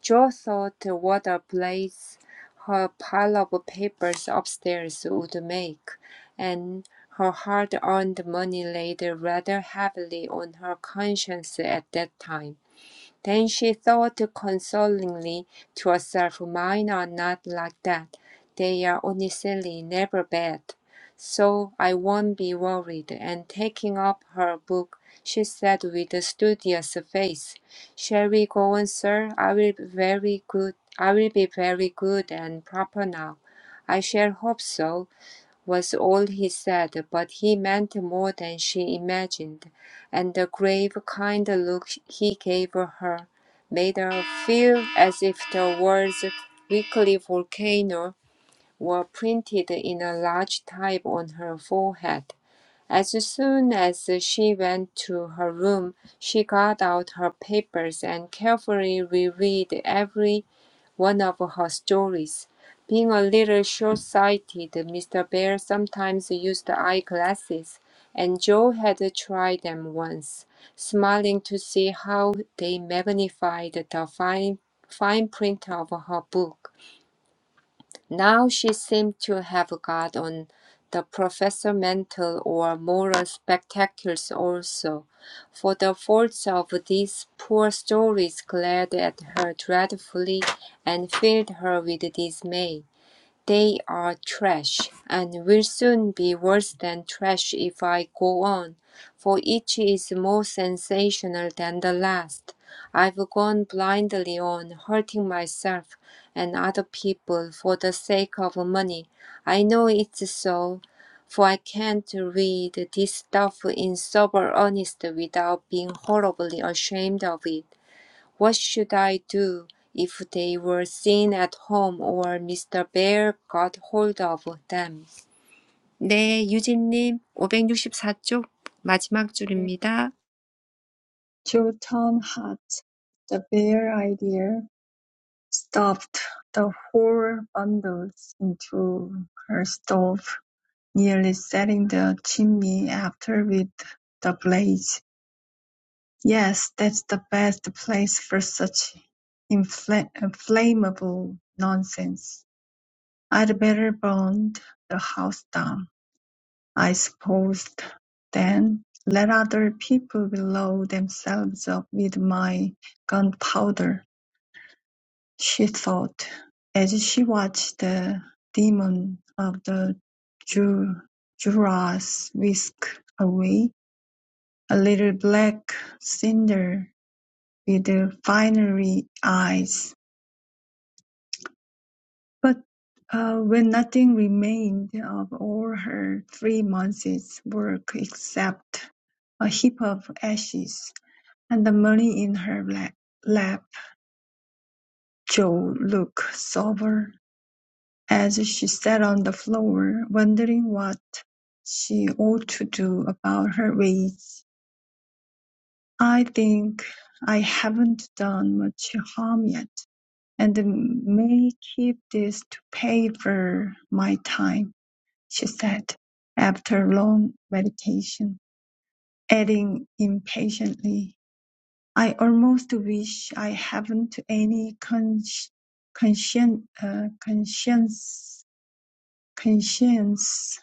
S2: Jo thought what a place her pile of papers upstairs would make, and her hard-earned money laid rather heavily on her conscience at that time. Then she thought consolingly to herself, Mine are not like that. They are only silly, never bad. So I won't be worried. And taking up her book, she said with a studious face, Shall we go on, sir? I will be very good. I will be very good and proper now. I shall hope so was all he said, but he meant more than she imagined, and the grave, kind look he gave her made her feel as if the words "weekly volcano" were printed in a large type on her forehead. As soon as she went to her room, she got out her papers and carefully reread every one of her stories. Being a little short sighted, Mr. Bear sometimes used eyeglasses, and Joe had tried them once, smiling to see how they magnified the fine, fine print of her book. Now she seemed to have got on the professor mental or moral spectacles also, for the faults of these poor stories glared at her dreadfully and filled her with dismay. They are trash, and will soon be worse than trash if I go on, for each is more sensational than the last. I've gone blindly on, hurting myself and other people for the sake of money. I know it's so, for I can't read this stuff in sober earnest without being horribly ashamed of it. What should I do if they were seen at home or Mr. Bear got hold of them? 네, 유진님 564쪽 마지막
S1: 네.
S2: 줄입니다.
S1: Chilton Hot, the bare idea, stopped the whole bundles into her stove, nearly setting the chimney after with the blaze. Yes, that's the best place for such infla- inflammable nonsense. I'd better burn the house down, I suppose, then let other people blow themselves up with my gunpowder, she thought, as she watched the demon of the Ju- Juras whisk away, a little black cinder with the fiery eyes. But uh, when nothing remained of all her three months' work except a heap of ashes and the money in her lap, lap Jo looked sober as she sat on the floor, wondering what she ought to do about her ways. I think I haven't done much harm yet, "And may keep this to pay for my time," she said, after long meditation, adding impatiently, "I almost wish I haven't any consci- conscien- uh, conscience conscience.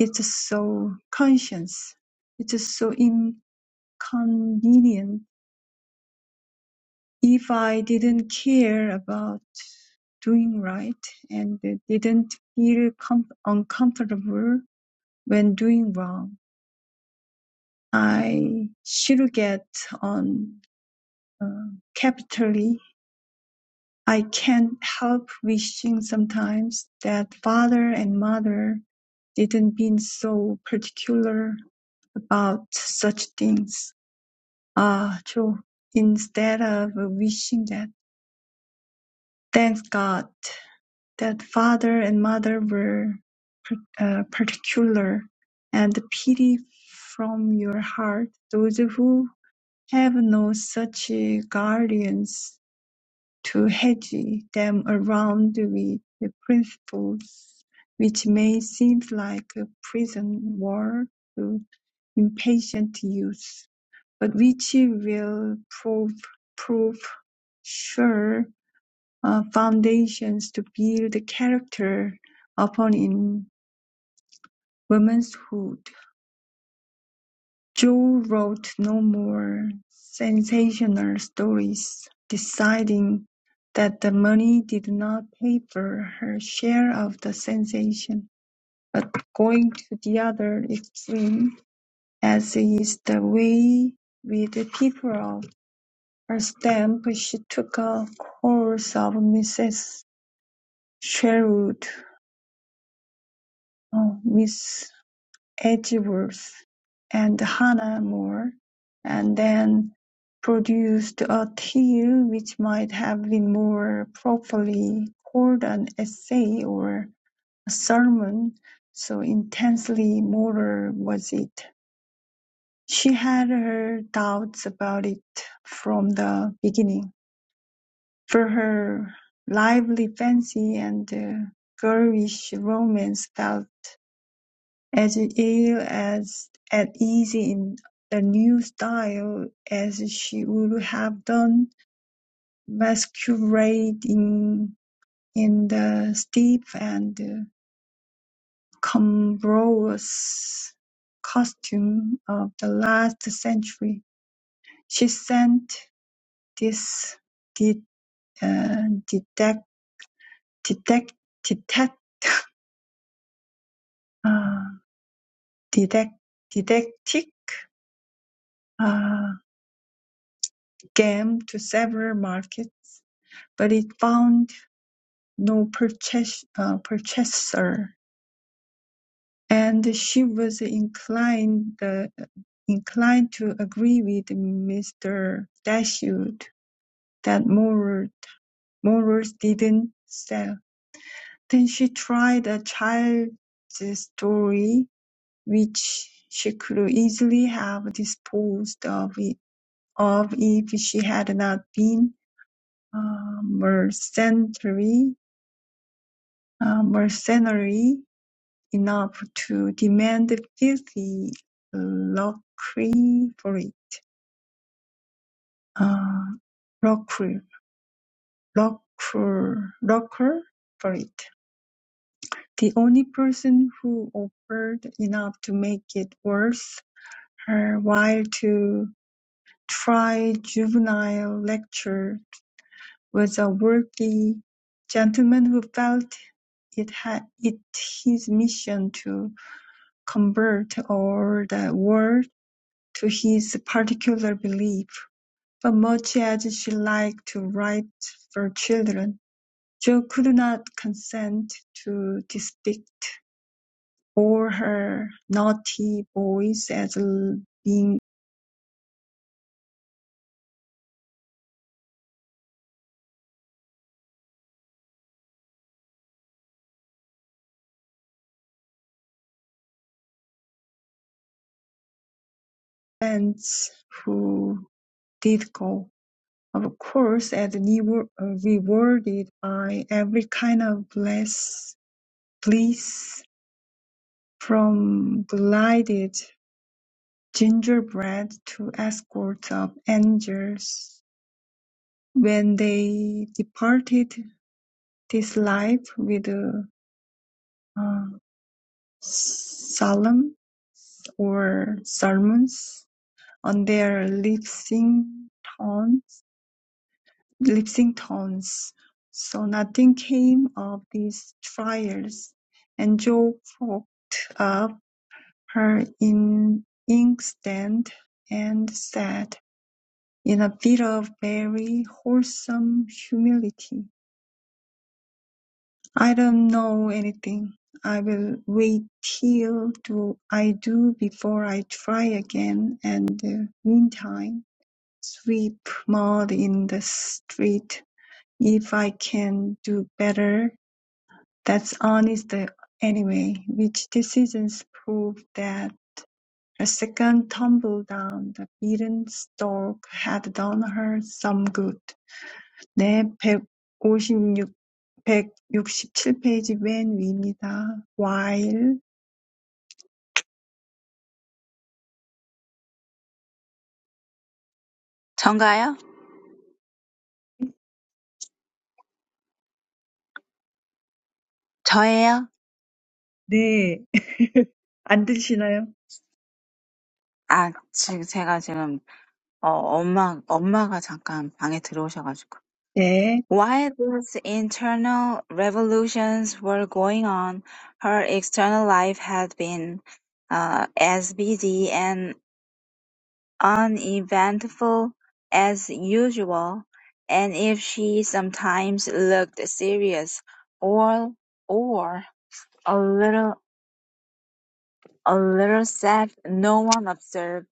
S1: It's so conscience. It's so inconvenient if I didn't care about doing right and didn't feel com- uncomfortable when doing wrong, I should get on uh, capitally. I can't help wishing sometimes that father and mother didn't been so particular about such things. Ah, uh, true. Instead of wishing that, thank God That father and mother were uh, particular, and pity from your heart those who have no such guardians to hedge them around with the principles which may seem like a prison wall to impatient youth, but which will prove prove sure uh, foundations to build character upon in womanhood. Joe wrote no more sensational stories, deciding that the money did not pay for her share of the sensation, but going to the other extreme, as is the way with the people of her stamp, she took a course of Mrs. Sherwood, uh, Miss Edgeworth and Hannah More, and then produced a tale which might have been more properly called an essay or a sermon, so intensely moral was it. She had her doubts about it from the beginning, for her lively fancy and uh, girlish romance felt as ill as at ease in the new style as she would have done masquerading in the stiff and cumbrous costume of the last century. She sent this de- uh, detect, detect, detect, uh, detect, didactic uh, game to several markets but it found no purchase, uh, purchaser, and she was inclined uh, inclined to agree with Mr. Dashwood that morals morals didn't sell. Then she tried a child's story which she could easily have disposed of it of if she had not been uh, mercenary, uh, mercenary enough to demand filthy lucre uh, lockery, lucre, lucre for it. The only person who offered enough to make it worth her while to try juvenile lecture was a worthy gentleman who felt it had it his mission to convert all the world to his particular belief, but much as she liked to write for children, Jo could not consent to depict all her naughty boys as being friends who did go, of course, as uh, rewarded by every kind of bless, bliss from glided gingerbread to escorts of angels When they departed this life with a, uh, solemn or sermons on their lips in tongues, lips in tongues. So nothing came of these trials, and Job poked up her in inkstand and said, in a bit of very wholesome humility, I don't know anything. I will wait till do I do before I try again. And uh, meantime, sweep mud in the street. If I can do better, that's honest uh, anyway. Which decisions prove that a second tumble down the beaten stalk had done her some good. 내 백육십칠 페이지 맨 위입니다. while
S4: 전가요? 저예요?
S1: 네. 안 들리시나요?
S4: 아, 지금 제가 지금 어, 엄마 엄마가 잠깐 방에 들어오셔가지고.
S1: 네,
S4: While these internal revolutions were going on, her external life had been uh, as busy and uneventful as usual, and if she sometimes looked serious or or a little a little sad, no one observed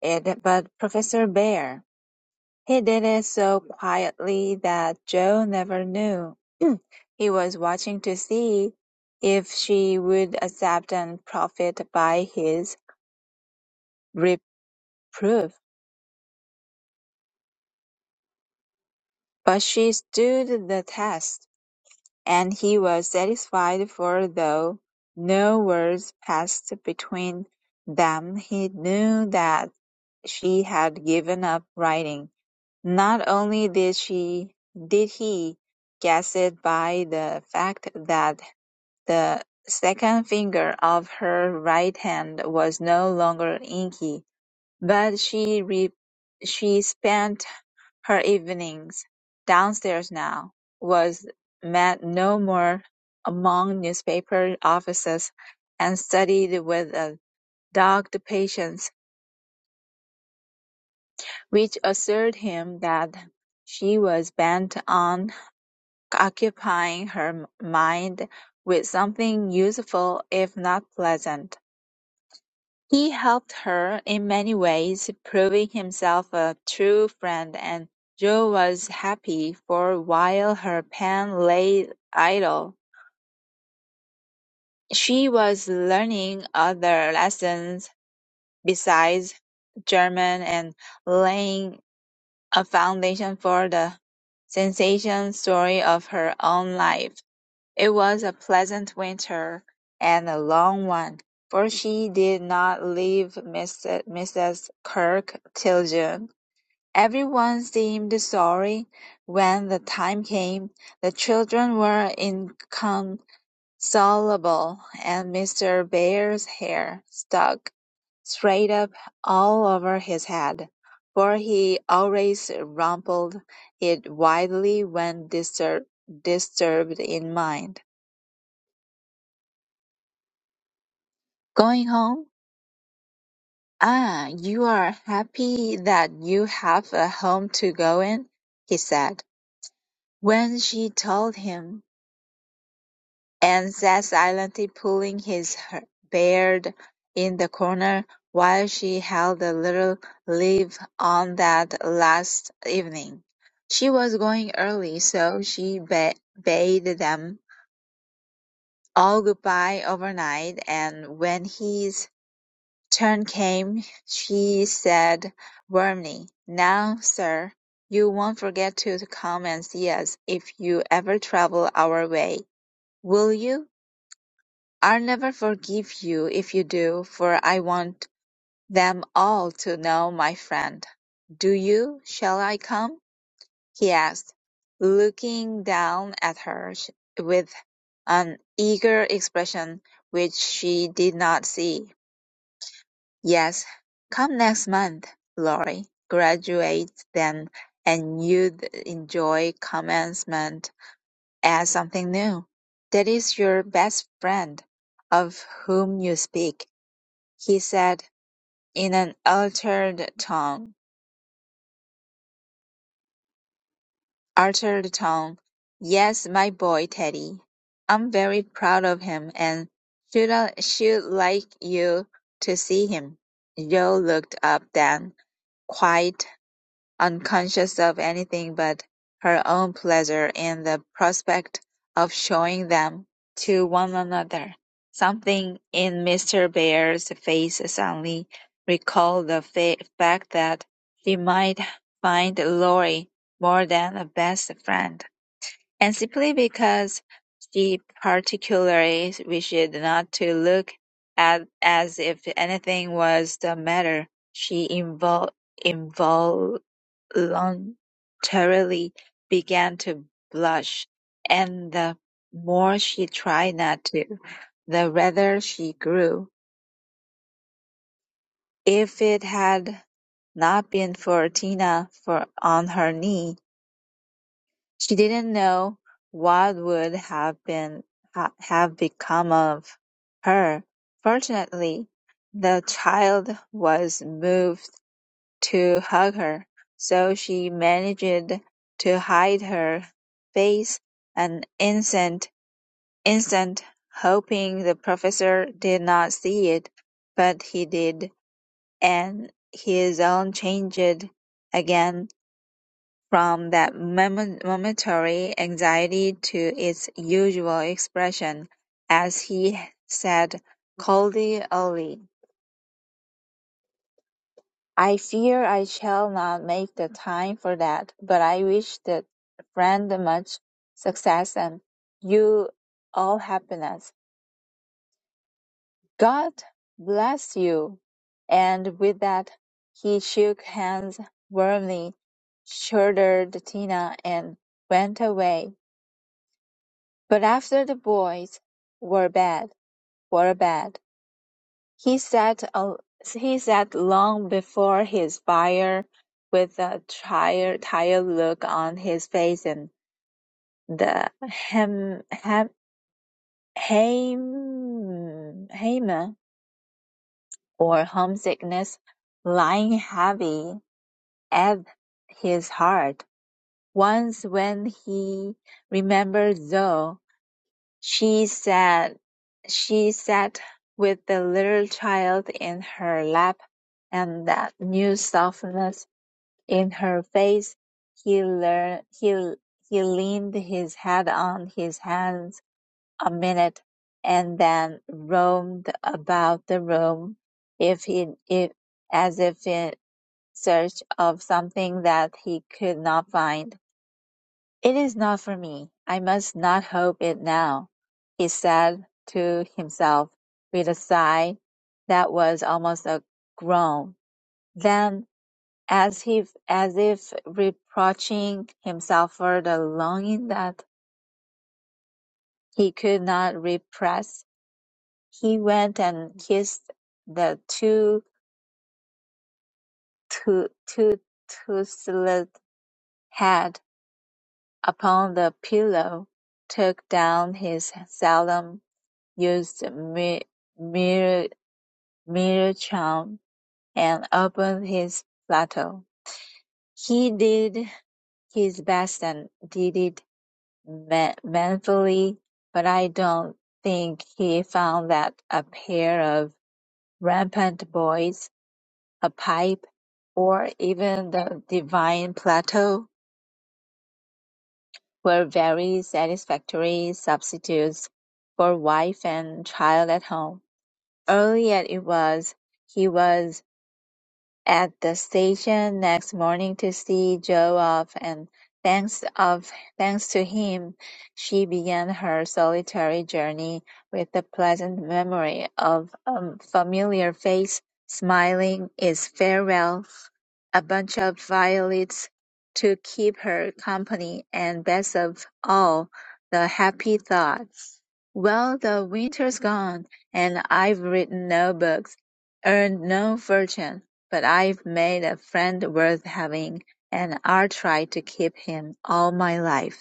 S4: it but Professor Bear. He did it so quietly that Joe never knew. He was watching to see if she would accept and profit by his reproof. But she stood the test, and he was satisfied, for though no words passed between them, he knew that she had given up writing. Not only did she did he guess it by the fact that The second finger of her right hand was no longer inky, but she re- she spent her evenings downstairs now, was met no more among newspaper offices, and studied with a dogged patience which assured him that she was bent on occupying her mind with something useful if not pleasant. He helped her in many ways, proving himself a true friend, and Jo was happy, for while her pen lay idle, she was learning other lessons besides German and laying a foundation for the sensational story of her own life. It was a pleasant winter, and a long one, for she did not leave Mrs. Kirk till June. Everyone seemed sorry when the time came. The children were inconsolable, and Mr. Bear's hair stuck straight up all over his head, for he always rumpled it widely when distur- disturbed in mind. Going home? Ah, you are happy that you have a home to go in, he said, when she told him, and sat silently pulling his her- beard in the corner while she held a little leave on that last evening. She was going early, so she ba- bade them all goodbye overnight, and when he Turn came, she said warmly, "Now, sir, you won't forget to come and see us if you ever travel our way, will you? I'll never forgive you if you do, for I want them all to know my friend. Do you? Shall I come?" he asked, looking down at her with an eager expression which she did not see. Yes, come next month, Lori, graduate then and you'd enjoy commencement as something new. That is your best friend, of whom you speak, he said in an altered tone. Altered tone. Yes, my boy Teddy. I'm very proud of him and should I, should like you to see him. Joe looked up then, quite unconscious of anything but her own pleasure in the prospect of showing them to one another. Something in Mr. Bear's face suddenly recalled the fa- fact that she might find Lorry more than a best friend, and simply because she particularly wished not to look at as if anything was the matter, she invol- invol involuntarily began to blush, and the more she tried not to, the redder she grew. If it had not been for Tina for on her knee, she didn't know what would have been ha- have become of her. Fortunately, the child was moved to hug her, so she managed to hide her face an instant, instant, hoping the professor did not see it. But he did, and his own changed again from that moment- momentary anxiety to its usual expression, as he said coldly, "Ollie." I fear I shall not make the time for that, but I wish the friend much success and you all happiness. God bless you. And with that, he shook hands warmly, shouldered Tina, and went away. But after the boys were bed were bed, He sat al- He sat long before his fire, with a tired tired look on his face and the hem- hem- hem- hem- or homesickness lying heavy at his heart. Once when he remembered Zoe, She said she sat with the little child in her lap, and that new softness in her face. He learned, he, he leaned his head on his hands a minute, and then roamed about the room, if he, if, as if in search of something that he could not find. "It is not for me. I must not hope it now," he said to himself with a sigh that was almost a groan. Then, as if as if reproaching himself for the longing that he could not repress, he went and kissed the too too too tousled head upon the pillow, took down his solemn used mi- mirror mirror charm and opened his plateau. He did his best and did it ma- manfully, but I don't think he found that a pair of rampant boys, a pipe, or even the divine plateau were very satisfactory substitutes for wife and child at home. Early as it was, he was at the station next morning to see Joe off, and thanks of thanks to him, she began her solitary journey with the pleasant memory of a familiar face smiling its farewell, a bunch of violets to keep her company, and best of all, the happy thought, "Well, the winter's gone, and I've written no books, earned no fortune." But I've made a friend worth having, and I'll try to keep him all my life.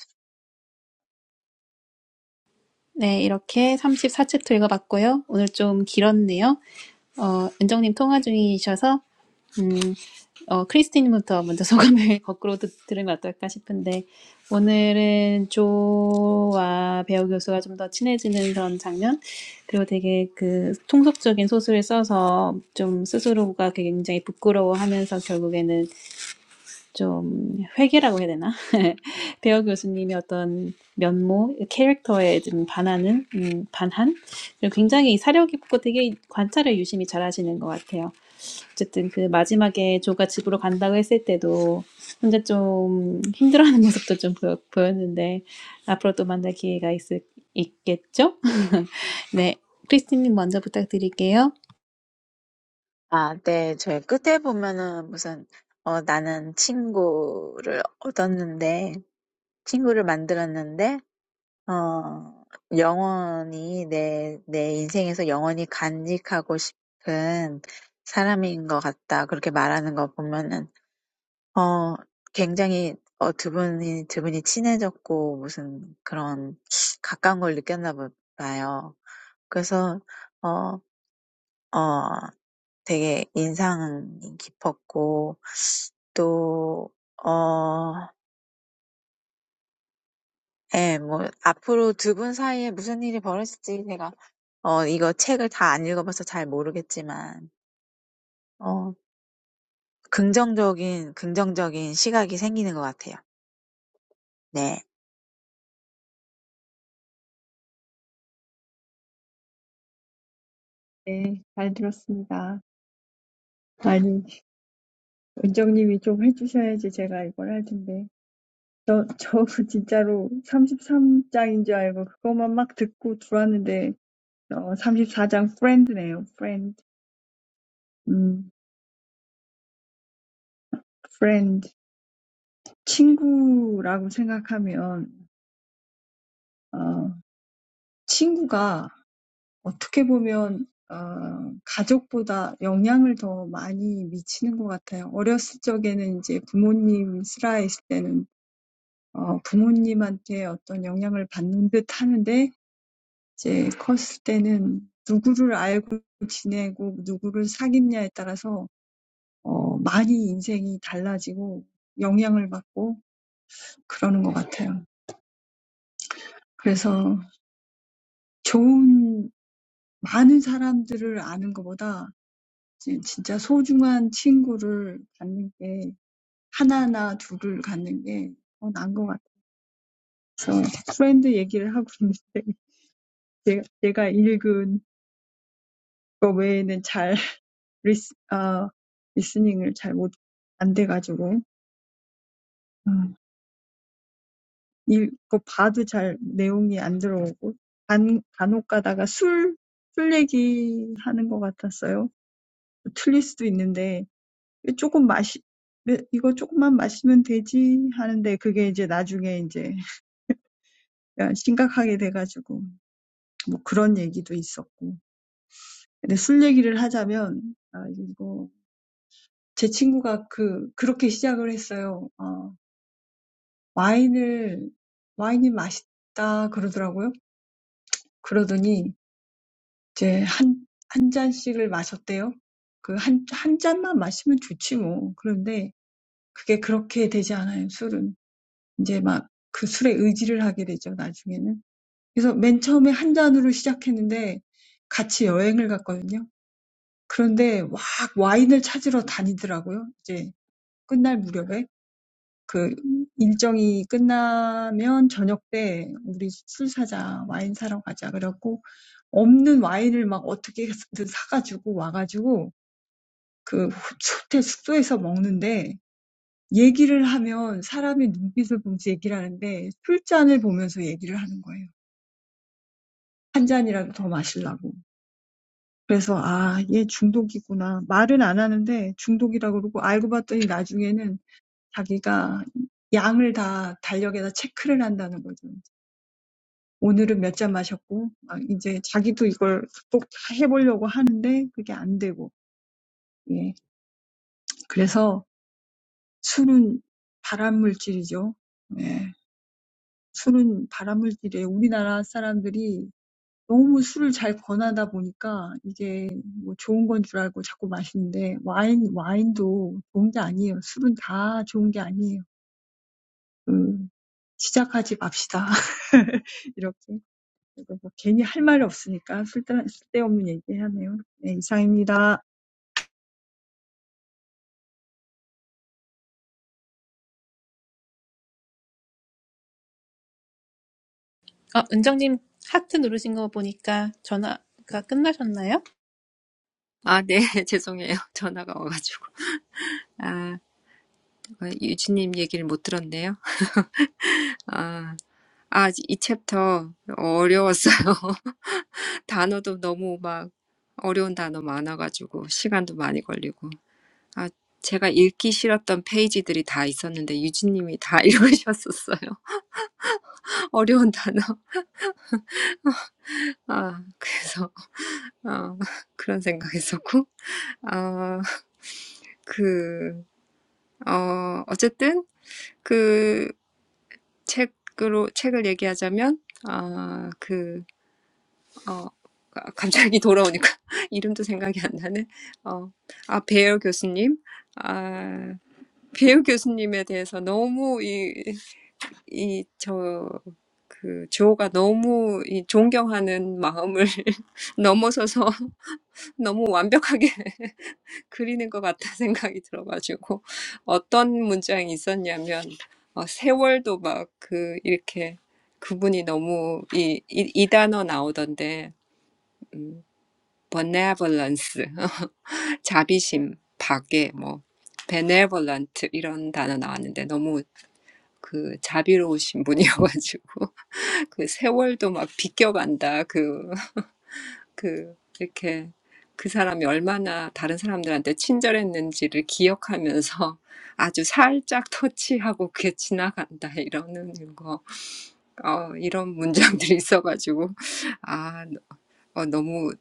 S3: 네, 이렇게 34챕터 읽어봤고요. 오늘 좀 길었네요. 어, 은정님 통화 중이셔서, 음, 어, 크리스티님부터 먼저 소감을 거꾸로 듣, 들으면 어떨까 싶은데, 오늘은 조와 배우 교수가 좀 더 친해지는 그런 장면, 그리고 되게 그 통속적인 소설을 써서 좀 스스로가 굉장히 부끄러워 하면서 결국에는 좀 회개라고 해야 되나? 배어 교수님의 어떤 면모, 캐릭터에 좀 반하는, 음, 반한? 그리고 굉장히 사려 깊고 되게 관찰을 유심히 잘 하시는 것 같아요. 어쨌든 그 마지막에 조가 집으로 간다고 했을 때도 혼자 좀 힘들어하는 모습도 좀 보여, 보였는데 앞으로 또 만날 기회가 있을, 있겠죠? 네. 크리스틴님 먼저 부탁드릴게요.
S4: 아, 네. 제 끝에 보면은 무슨, 어, 나는 친구를 얻었는데, 친구를 만들었는데, 어, 영원히 내, 내 인생에서 영원히 간직하고 싶은 사람인 것 같다. 그렇게 말하는 거 보면은 어 굉장히 어두 분이 두 분이 친해졌고 무슨 그런 가까운 걸 느꼈나 보 봐요. 그래서 어 어 되게 인상이 깊었고 또어예뭐 앞으로 두분 사이에 무슨 일이 벌어질지 제가 어 이거 책을 다안 읽어봐서 잘 모르겠지만 어 긍정적인 긍정적인 시각이 생기는 것 같아요. 네.
S1: 네, 잘 들었습니다. 아니, 은정님이 좀 해주셔야지 제가 이걸 할 텐데. 저, 저 진짜로 33장인 줄 알고 그것만 막 듣고 들어왔는데, 어, 34장 friend네요, friend. 음, friend. 친구라고 생각하면, 어, 친구가 어떻게 보면 어, 가족보다 영향을 더 많이 미치는 것 같아요. 어렸을 적에는 이제 부모님 슬하 있을 때는 어, 부모님한테 어떤 영향을 받는 듯 하는데 이제 컸을 때는 누구를 알고 지내고 누구를 사귀냐에 따라서 어, 많이 인생이 달라지고 영향을 받고 그러는 것 같아요. 그래서 좋은 많은 사람들을 아는 것보다 지- 진짜 소중한 친구를 갖는 게 하나나 둘을 갖는 게 더 나은 것 같아서 프렌드 얘기를 하고 있는데 제가, 제가 읽은 거 외에는 잘 리스, 아, 리스닝을 잘 못, 안 돼가지고 음, 읽고 봐도 잘 내용이 안 들어오고 간, 간혹 가다가 술, 술 얘기하는 것 같았어요. 틀릴 수도 있는데 조금 마시, 매- 이거 조금만 마시면 되지 하는데 그게 이제 나중에 이제 그러니까 심각하게 돼가지고 뭐 그런 얘기도 있었고. 근데 술 얘기를 하자면 아 이거 제 친구가 그 그렇게 시작을 했어요. 어, 와인을 와인이 맛있다 그러더라고요. 그러더니 이제 한, 한 잔씩을 마셨대요. 그 한, 한 잔만 마시면 좋지 뭐. 그런데 그게 그렇게 되지 않아요, 술은. 이제 막그 술에 의지를 하게 되죠, 나중에는. 그래서 맨 처음에 한 잔으로 시작했는데 같이 여행을 갔거든요. 그런데 막 와인을 찾으러 다니더라고요. 이제 끝날 무렵에. 그 일정이 끝나면 저녁 때 우리 술 사자, 와인 사러 가자. 그래갖고 없는 와인을 막 어떻게든 사가지고 와가지고 그 호텔 숙소에서 먹는데 얘기를 하면 사람이 눈빛을 보면서 얘기를 하는데 술잔을 보면서 얘기를 하는 거예요. 한 잔이라도 더 마시려고. 그래서 아, 얘 중독이구나. 말은 안 하는데 중독이라고 그러고 알고 봤더니 나중에는 자기가 양을 다 달력에다 체크를 한다는 거죠. 오늘은 몇잔 마셨고, 막 이제 자기도 이걸 꼭 해보려고 하는데 그게 안 되고, 예. 그래서 술은 발암물질이죠. 예. 술은 발암물질이에요. 우리나라 사람들이 너무 술을 잘 권하다 보니까 이게 뭐 좋은 건줄 알고 자꾸 마시는데 와인, 와인도 좋은 게 아니에요. 술은 다 좋은 게 아니에요. 그, 시작하지 맙시다. 이렇게. 그리고 뭐 괜히 할 말이 없으니까 쓸데- 쓸데없는 얘기하네요. 네, 이상입니다.
S3: 아, 은정님 하트 누르신 거 보니까 전화가 끝나셨나요?
S2: 아, 네, 죄송해요. 전화가 와가지고. 아, 유진님 얘기를 못 들었네요. 아, 아, 이 챕터 어려웠어요. 단어도 너무 막 어려운 단어 많아가지고 시간도 많이 걸리고. 아, 제가 읽기 싫었던 페이지들이 다 있었는데 유진님이 다 읽으셨었어요. 어려운 단어. 아, 그래서 어, 그런 생각했었고, 아, 그, 어, 어쨌든 그 책으로 책을 얘기하자면, 아, 그, 어, 아, 갑자기 돌아오니까 이름도 생각이 안 나네. 어, 아, 베어 교수님, 아, 베어 교수님에 대해서 너무 이 이, 저, 그, 조가 너무 이 존경하는 마음을 넘어서서 너무 완벽하게 그리는 것 같다 생각이 들어가지고, 어떤 문장이 있었냐면, 어, 세월도 막 그, 이렇게 그분이 너무 이, 이, 이 단어 나오던데, 음, benevolence, 자비심, 박애, 뭐, benevolent 이런 단어 나왔는데, 너무 그 자비로우신 분이어가지고, 그 세월도 막 비껴간다. 그, 그, 이렇게 그 사람이 얼마나 다른 사람들한테 친절했는지를 기억하면서 아주 살짝 터치하고 그게 지나간다. 이러는 거. 어, 이런 문장들이 있어가지고, 아, 어, 너무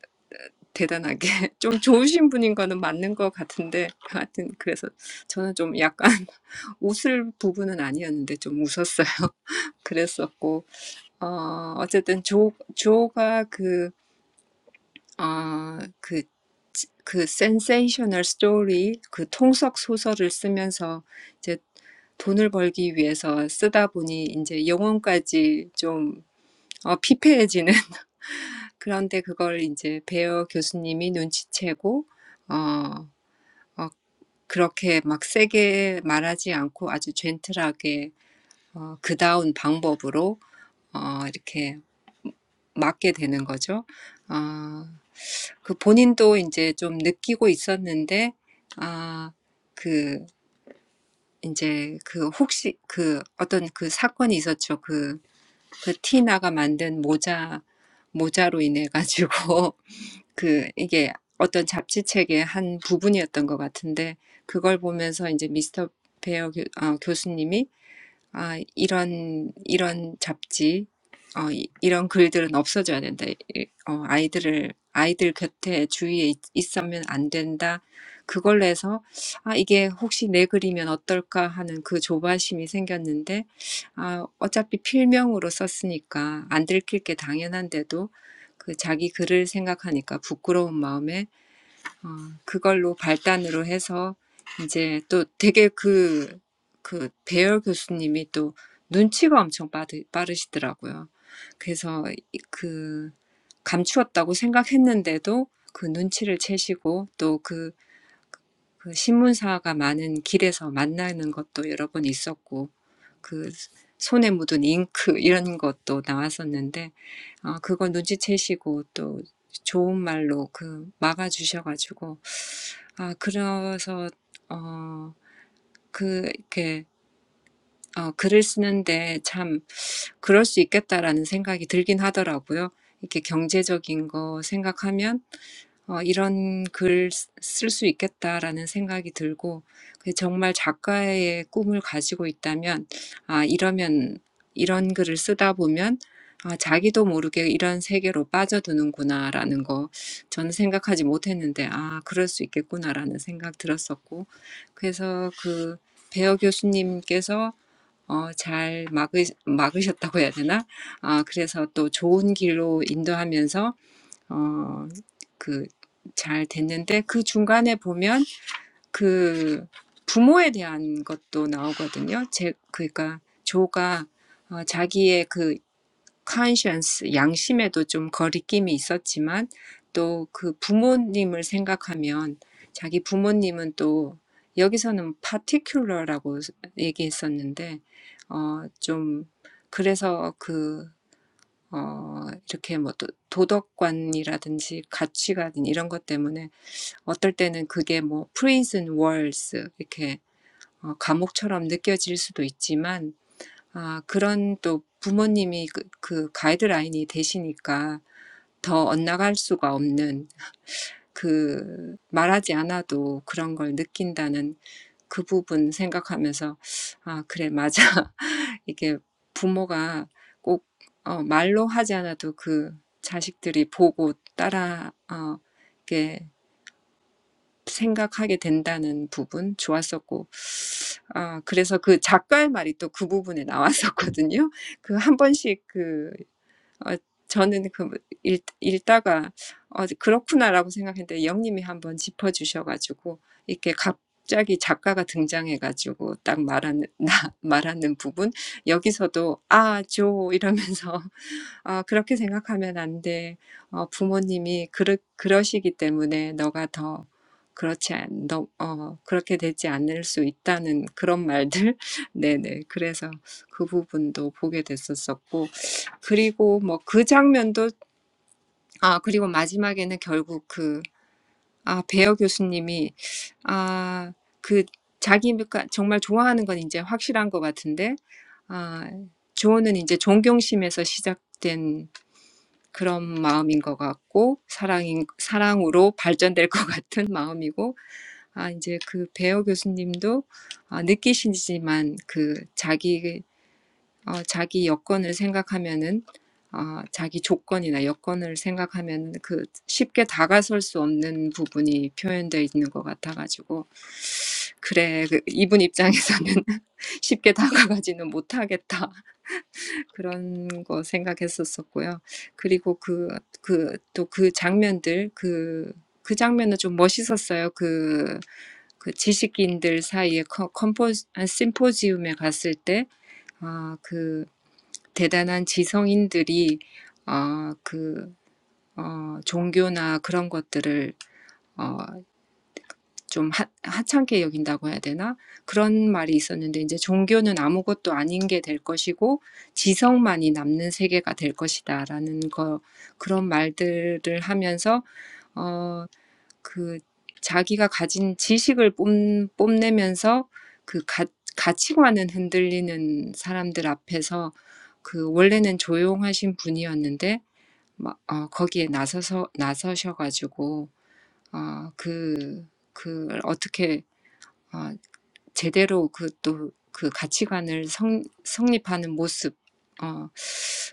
S2: 대단하게. 좀 좋으신 분인 거는 맞는 것 같은데, 하여튼, 그래서 저는 좀 약간 웃을 부분은 아니었는데 좀 웃었어요. 그랬었고, 어, 어쨌든 조, 조가 그, 어, 그, 그 센세이셔널 스토리, 그 통속 소설을 쓰면서 이제 돈을 벌기 위해서 쓰다 보니 이제 영혼까지 좀 어, 피폐해지는 그런데 그걸 이제 베어 교수님이 눈치채고 어, 어, 그렇게 막 세게 말하지 않고 아주 젠틀하게 어, 그다운 방법으로 어, 이렇게 맞게 되는 거죠. 어, 그 본인도 이제 좀 느끼고 있었는데, 아, 그, 이제 그 혹시 그 어떤 그 사건이 있었죠. 그, 그 티나가 만든 모자, 모자로 인해 가지고 그 이게 어떤 잡지책의 한 부분이었던 것 같은데, 그걸 보면서 이제 미스터 베어 교, 아, 교수님이 아, 이런, 이런 잡지, 어, 이- 이런 글들은 없어져야 된다. 이- 어, 아이들을, 아이들 곁에 주위에 있, 있으면 안 된다. 그걸로 해서, 아, 이게 혹시 내 글이면 어떨까 하는 그 조바심이 생겼는데, 아, 어차피 필명으로 썼으니까 안 들킬 게 당연한데도 그 자기 글을 생각하니까 부끄러운 마음에 어, 그걸로 발단으로 해서 이제 또 되게 그, 그 배열 교수님이 또 눈치가 엄청 빠르, 빠르시더라고요. 그래서 이- 그 감추었다고 생각했는데도 그 눈치를 채시고 또그그 신문사가 많은 길에서 만나는 것도 여러 번 있었고 그 손에 묻은 잉크 이런 것도 나왔었는데 어, 그거 눈치채시고 또 좋은 말로 그 막아주셔가지고 아, 그래서, 어, 그, 이렇게, 어, 글을 쓰는데 참, 그럴 수 있겠다라는 생각이 들긴 하더라고요. 이렇게 경제적인 거 생각하면 어, 이런 글 쓸 수 있겠다라는 생각이 들고, 정말 작가의 꿈을 가지고 있다면, 아, 이러면, 이런 글을 쓰다 보면, 아, 자기도 모르게 이런 세계로 빠져드는구나라는 거, 저는 생각하지 못했는데, 아, 그럴 수 있겠구나라는 생각 들었었고, 그래서 그 배어 교수님께서 어, 잘 막으, 막으셨다고 해야 되나? 아, 그래서 또 좋은 길로 인도하면서, 어, 그, 잘 됐는데, 그 중간에 보면 그 부모에 대한 것도 나오거든요. 제, 그러니까 조가 어, 자기의 그 conscience, 양심에도 좀 거리낌이 있었지만 또 그 부모님을 생각하면 자기 부모님은 또 여기서는 particular라고 얘기했었는데 어좀 그래서 그 어, 이렇게 뭐 도, 도덕관이라든지 가치관 이런 것 때문에 어떨 때는 그게 뭐 prison walls 이렇게 어, 감옥처럼 느껴질 수도 있지만 아, 그런 또 부모님이 그, 그 가이드라인이 되시니까 더 엇나갈 수가 없는 그 말하지 않아도 그런 걸 느낀다는 그 부분 생각하면서 아, 그래, 맞아. 이게 부모가 꼭 어, 말로 하지 않아도 그 자식들이 보고 따라 어, 이게 생각하게 된다는 부분 좋았었고, 아, 그래서 그 작가의 말이 또그 부분에 나왔었거든요. 그한 번씩 그, 어, 저는 그 읽, 읽다가 어, 그렇구나라고 생각했는데 영님이 한번 짚어주셔가지고 이렇게 갑자기 작가가 등장해가지고 딱 말하는 나 말하는 부분 여기서도 아조 이러면서 어 그렇게 생각하면 안 돼. 어, 부모님이 그러, 그러시기 때문에 너가 더 그렇지 않, 너, 어, 그렇게 되지 않을 수 있다는 그런 말들. 네네. 그래서 그 부분도 보게 됐었었고. 그리고 뭐그 장면도, 아, 그리고 마지막에는 결국 그, 아, 배어 교수님이, 아, 그 자기가 정말 좋아하는 건 이제 확실한 것 같은데, 아, 조언은 이제 존경심에서 시작된 그런 마음인 것 같고 사랑인 사랑으로 발전될 것 같은 마음이고 아 이제 그 배어 교수님도 아, 느끼시지만 그 자기 어, 자기 여건을 생각하면은 아, 자기 조건이나 여건을 생각하면 그 쉽게 다가설 수 없는 부분이 표현되어 있는 것 같아가지고 그래 그 이분 입장에서는 쉽게 다가가지는 못하겠다 그런 거 생각했었었고요. 그리고 그, 그, 또 그 장면들, 그, 그 장면은 좀 멋있었어요. 그, 그 지식인들 사이에 컨- 컴포, 아, 심포지움에 갔을 때, 아, 그, 대단한 지성인들이, 어, 그, 어, 종교나 그런 것들을, 어, 좀 하, 하찮게 여긴다고 해야 되나? 그런 말이 있었는데 이제 종교는 아무것도 아닌 게 될 것이고 지성만이 남는 세계가 될 것이다라는 거 그런 말들을 하면서 어, 그 자기가 가진 지식을 뽐, 뽐내면서 그 가, 가치관은 흔들리는 사람들 앞에서 그 원래는 조용하신 분이었는데 막 어, 거기에 나서서 나서셔가지고 어, 그, 그 어떻게 어, 제대로 그 또 그 가치관을 성, 성립하는 모습, 어,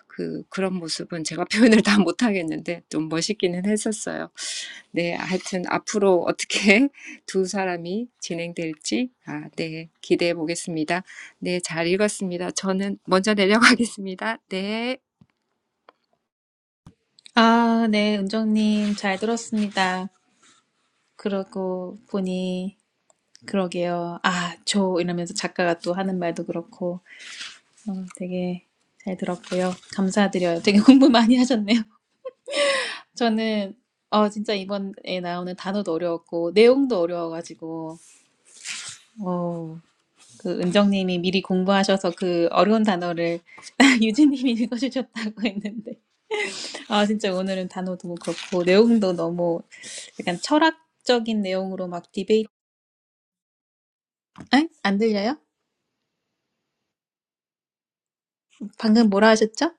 S2: 그, 그런 모습은 제가 표현을 다 못하겠는데 좀 멋있기는 했었어요. 네, 하여튼 앞으로 어떻게 두 사람이 진행될지, 아, 네, 기대해 보겠습니다. 네, 잘 읽었습니다. 저는 먼저 내려가겠습니다. 네.
S3: 아, 네, 은정님, 잘 들었습니다. 그러고 보니, 그러게요. 아, 저, 이러면서 작가가 또 하는 말도 그렇고, 어, 되게 잘 들었고요. 감사드려요. 되게 공부 많이 하셨네요. 저는, 어, 진짜 이번에 나오는 단어도 어려웠고, 내용도 어려워가지고, 어, 그 은정님이 미리 공부하셔서 그 어려운 단어를 유진님이 읽어주셨다고 했는데, 아, 진짜 오늘은 단어도 그렇고, 내용도 너무 약간 철학적인 내용으로 막 디베이트, 엥? 안 들려요? 방금 뭐라 하셨죠?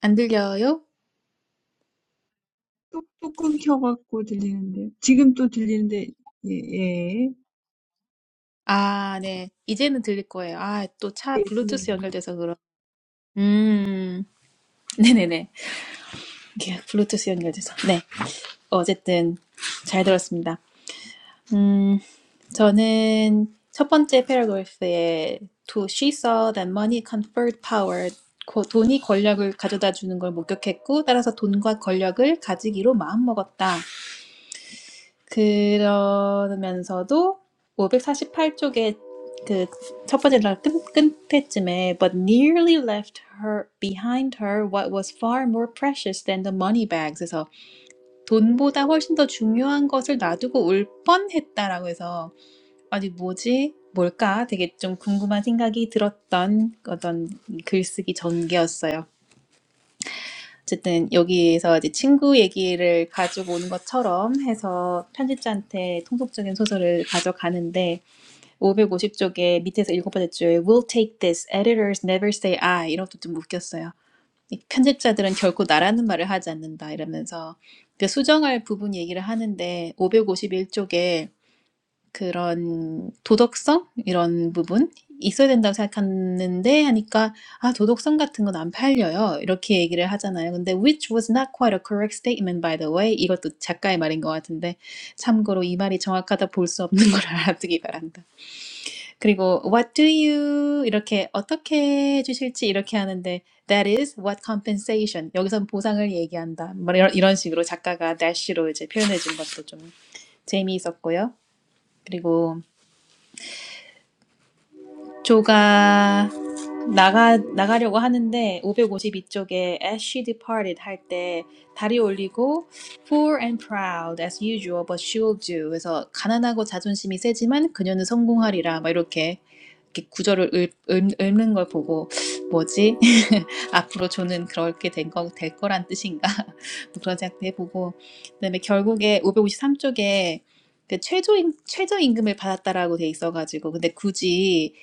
S3: 안 들려요?
S1: 뚝뚝 끊겨갖고 들리는데요. 지금 또 들리는데, 예, 예.
S3: 아, 네. 이제는 들릴 거예요. 아, 또 차
S1: 예,
S3: 블루투스 연결돼서 그런. 음, 네네네. 이게 블루투스 연결돼서. 네. 어쨌든, 잘 들었습니다. 음, 저는 첫 번째 패러그래프에 To she saw that money conferred power. 고- 돈이 권력을 가져다 주는 걸 목격했고, 따라서 돈과 권력을 가지기로 마음먹었다. 그러면서도 548쪽에 그 첫 번째 날 끝, 끝에쯤에 But nearly left her behind her what was far more precious than the money bags. 에서 돈보다 훨씬 더 중요한 것을 놔두고 올 뻔했다라고 해서 아니, 뭐지? 뭘까? 되게 좀 궁금한 생각이 들었던 어떤 글쓰기 전개였어요. 어쨌든 여기에서 이제 친구 얘기를 가지고 오는 것처럼 해서 편집자한테 통속적인 소설을 가져가는데 550쪽에 밑에서 일곱 번째 줄에 We'll take this. Editors never say I. 이런 것도 좀 웃겼어요. 이 편집자들은 결코 나라는 말을 하지 않는다 이러면서 그 수정할 부분 얘기를 하는데 551쪽에 그런 도덕성 이런 부분 있어야 된다고 생각하는데 하니까 아 도덕성 같은 건 안 팔려요 이렇게 얘기를 하잖아요. 근데 which was not quite a correct statement by the way 이것도 작가의 말인 것 같은데 참고로 이 말이 정확하다 볼 수 없는 걸 알아두기 바란다. 그리고 what do you 이렇게 어떻게 해주실지 이렇게 하는데 that is what compensation 여기선 보상을 얘기한다 뭐 이런 이런 식으로 작가가 dash로 이제 표현해 준 것도 좀 재미있었고요. 그리고 조가 나가 나가려고 하는데 552쪽에 as she departed 할 때 다리 올리고 poor and proud as usual but she'll do 그래서 가난하고 자존심이 세지만 그녀는 성공하리라 막 이렇게 이렇게 구절을 읊, 읊, 읊는 걸 보고 뭐지 앞으로 저는 그렇게 된 거, 될 거란 뜻인가? 뭐 그런 생각도 해보고. 그다음에 결국에 553쪽에 그 최저임, 최저임금을 받았다라고 돼 있어가지고. 근데 굳이,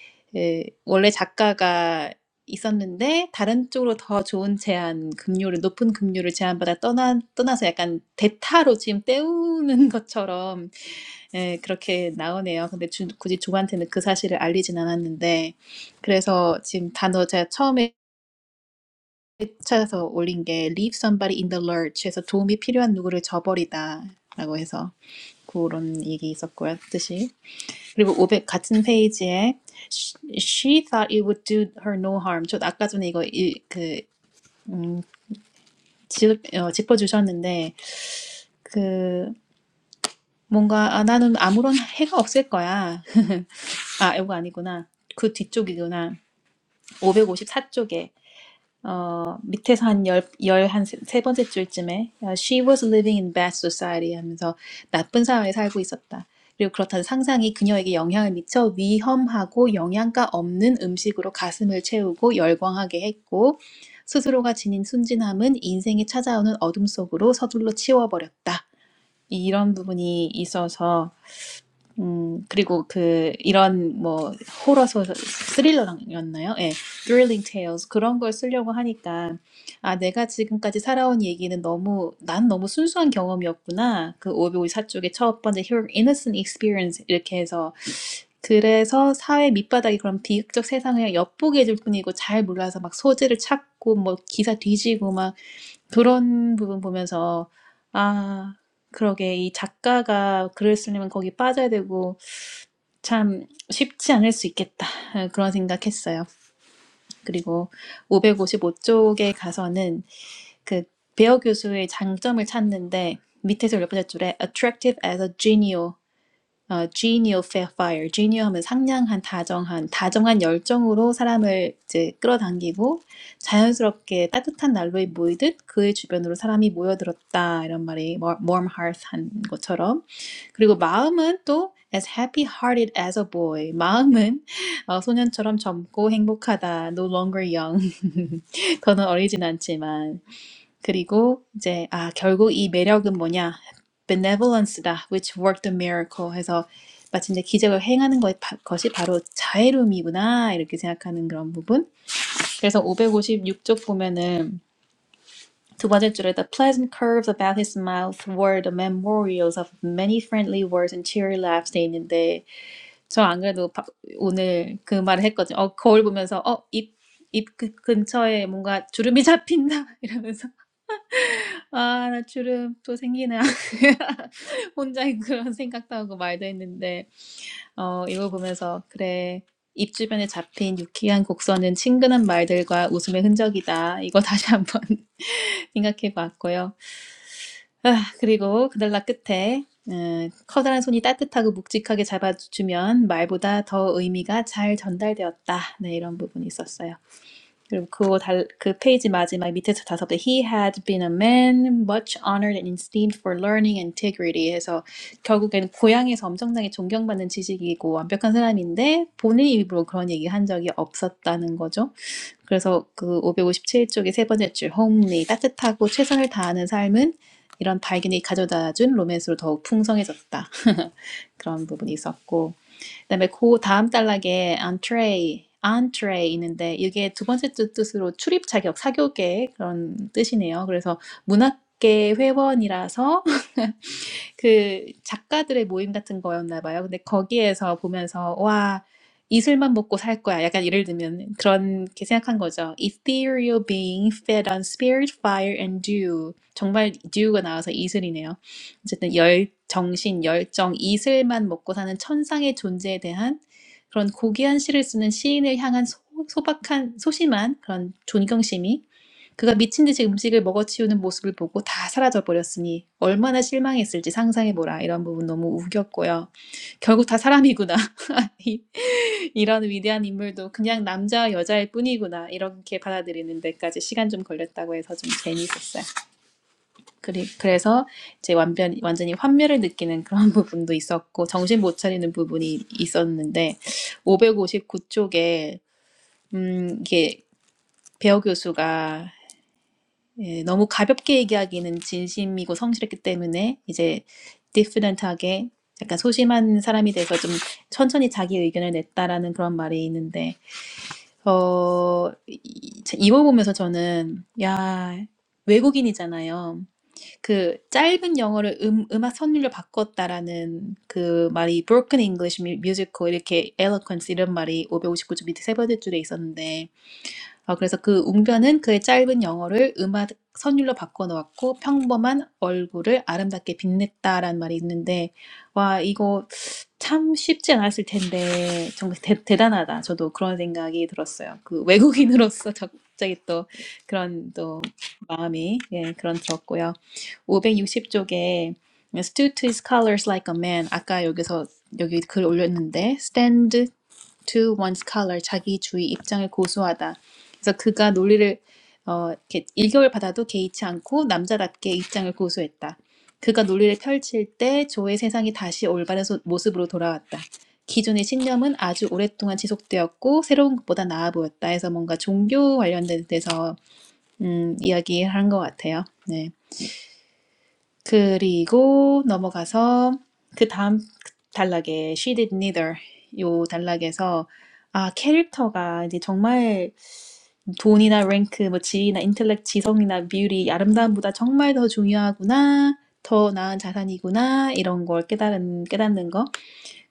S3: 예, 원래 작가가 있었는데 다른 쪽으로 더 좋은 제안, 급료를, 높은 급료를 제안받아 떠나, 떠나서 약간 대타로 지금 때우는 것처럼, 예, 그렇게 나오네요. 근데 주, 굳이 조한테는 그 사실을 알리진 않았는데. 그래서 지금 단어 제가 처음에 찾아서 올린 게 Leave somebody in the lurch 해서 도움이 필요한 누구를 저버리다 라고 해서 그런 얘기 있었고요 뜻이 그리고 500 같은 페이지에 She thought it would do her no harm 저 아까 전에 이거 이, 그 음, 짚, 어, 짚어주셨는데 그 뭔가 아, 나는 아무런 해가 없을 거야 아 이거 아니구나 그 뒤쪽이구나 554쪽에 어, 밑에서 한 열, 열, 한 세, 세 번째 줄쯤에 어, She was living in bad society 하면서 나쁜 사회에 살고 있었다. 그리고 그렇다는 상상이 그녀에게 영향을 미쳐 위험하고 영양가 없는 음식으로 가슴을 채우고 열광하게 했고 스스로가 지닌 순진함은 인생이 찾아오는 어둠 속으로 서둘러 치워버렸다. 이런 부분이 있어서 음, 그리고 그 이런 뭐 호러 소설 스릴러였나요? 예. Thrilling Tales 그런 걸 쓰려고 하니까 아, 내가 지금까지 살아온 얘기는 너무 난 너무 순수한 경험이었구나. 그554 쪽에 첫 번째 r o u r Innocent Experience 이렇게 해서 그래서 사회 밑바닥이 그런 비극적 세상을 엿보게 해줄 뿐이고 잘 몰라서 막 소재를 찾고 뭐 기사 뒤지고 막 그런 부분 보면서, 아, 그러게, 이 작가가 글을 쓰려면 거기 빠져야 되고, 참 쉽지 않을 수 있겠다. 아, 그런 생각했어요. 그리고 555쪽에 가서는 그 베어 교수의 장점을 찾는데 밑에서 몇 번째 줄에 attractive as a genial 어, genial fair fire. genial 하면 상냥한, 다정한, 다정한 열정으로 사람을 이제 끌어당기고 자연스럽게 따뜻한 난로에 모이듯 그의 주변으로 사람이 모여들었다. 이런 말이 war- m hearth 한 것처럼. 그리고 마음은 또 as happy hearted as a boy. 마음은 어, 소년처럼 젊고 행복하다. no longer young. 더는 어리진 않지만. 그리고 이제 아 결국 이 매력은 뭐냐? benevolence다, which worked a miracle 해서 마침내 기적을 행하는 것, 것이 바로 자애로움이구나 이렇게 생각하는 그런 부분. 그래서 556쪽 보면은 두 번째 줄에 the pleasant curves about his mouth were the memorials of many friendly words and cheery laughs 돼 있는데 저 안 그래도 바- 오늘 그 말을 했거든요. 어 거울 보면서 어입입 근처에 뭔가 주름이 잡힌다 이러면서 아 나 주름 또 생기나. 혼자 그런 생각도 하고 말도 했는데 어 이걸 보면서 '그래. 입 주변에 잡힌 유쾌한 곡선은 친근한 말들과 웃음의 흔적이다.' 이거 다시 한번 생각해 봤고요. 아 그리고 그날라 끝에 음 '커다란 손이 따뜻하고 묵직하게 잡아주면 말보다 더 의미가 잘 전달되었다.' 네 이런 부분이 있었어요. 그리고 그거 달, 그 페이지 마지막 밑에서 다섯 번 He had been a man much honored and esteemed for learning and integrity 해서 결국에는 고향에서 엄청나게 존경받는 지식이고 완벽한 사람인데 본인 입으로 그런 얘기 한 적이 없었다는 거죠. 그래서 그 557쪽의 세 번째 줄 homely 따뜻하고 최선을 다하는 삶은 이런 발견이 가져다준 로맨스로 더욱 풍성해졌다. 그런 부분이 있었고 그다음에 그 다음 단락에 entree, entree 있는데 이게 두 번째 뜻- 으로 출입 자격, 사교계 그런 뜻이네요. 그래서 문학계 회원이라서 그 작가들의 모임 같은 거였나 봐요. 근데 거기에서 보면서 와, 이슬만 먹고 살 거야. 약간 예를 들면 그렇게 생각한 거죠. Ethereal being fed on spirit, fire and dew. 정말 dew가 나와서 이슬이네요. 어쨌든 열, 정신, 열정, 이슬만 먹고 사는 천상의 존재에 대한 그런 고귀한 시를 쓰는 시인을 향한 소, 소박한, 소심한 그런 존경심이 그가 미친 듯이 음식을 먹어치우는 모습을 보고 다 사라져 버렸으니 얼마나 실망했을지 상상해 보라. 이런 부분 너무 우겼고요. 결국 다 사람이구나. 이- 런 위대한 인물도 그냥 남자와 여자일 뿐이구나. 이렇게 받아들이는 데까지 시간 좀 걸렸다고 해서 좀 재미있었어요. 그리, 그래서 이제 완전, 완전히 환멸을 느끼는 그런 부분도 있었고 정신 못 차리는 부분이 있었는데 559쪽에 음, 이게 배우 교수가 예, 너무 가볍게 얘기하기는 진심이고 성실했기 때문에 이제 디퍼런트하게 약간 소심한 사람이 돼서 좀 천천히 자기 의견을 냈다라는 그런 말이 있는데 어, 이- 이- 이걸 보면서 저는 야 외국인이잖아요. 그 짧은 영어를 음, 음악 선율로 바꿨다라는 그 말이 Broken English Musical 이렇게 Eloquence 이런 말이 559조 밑에 세 번째 줄에 있었는데 어, 그래서 그 웅변은 그의 짧은 영어를 음악 선율로 바꿔놓았고 평범한 얼굴을 아름답게 빛냈다라는 말이 있는데 와 이거 참 쉽지 않았을 텐데 정말 대, 대단하다 저도 그런 생각이 들었어요 그 외국인으로서 갑자기 또 그런 또 마음이 예 그런 들었고요 560쪽에 stood to his colors like a man 아까 여기서 여기 글 올렸는데 stand to one's color 자기 주의 입장을 고수하다. 그래서 그가 논리를 어, 이렇게 일격을 받아도 개의치 않고 남자답게 입장을 고수했다. 그가 논리를 펼칠 때 조의 세상이 다시 올바른 소- 모습으로 돌아왔다. 기존의 신념은 아주 오랫동안 지속되었고 새로운 것보다 나아 보였다. 해서 뭔가 종교 관련된 데서 음, 이야기한 를것 같아요. 네. 그리고 넘어가서 그 다음 단락에 She did neither 요 단락에서 아 캐릭터가 이제 정말 돈이나 랭크 뭐 지위나 인텔렉트 지성이나 뷰티 아름다움보다 정말 더 중요하구나 더 나은 자산이구나 이런 걸 깨달은 깨닫는 거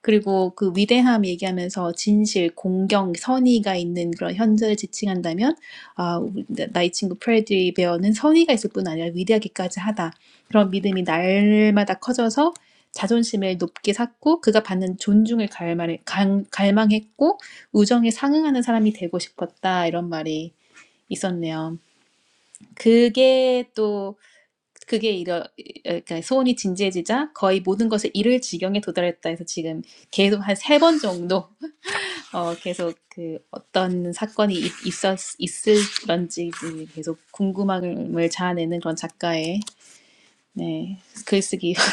S3: 그리고 그 위대함 얘기하면서 진실, 공경, 선의가 있는 그런 현재를 지칭한다면 아, 나- 의이 친구 프레드리 베어는 선의가 있을 뿐 아니라 위대하기까지 하다. 그런 믿음이 날마다 커져서 자존심을 높게 샀고 그가 받는 존중을 갈망- 갈망했고 우정에 상응하는 사람이 되고 싶었다. 이런 말이 있었네요. 그게 또 그게 이러, 그러니까 소원이 진지해지자 거의 모든 것을 이을 지경에 도달했다 해서 지금 계속 한 세 번 정도 어, 계속 그 어떤 사건이 있- 있었, 있을런지 계속 궁금함을 자아내는 그런 작가의 네, 글쓰기가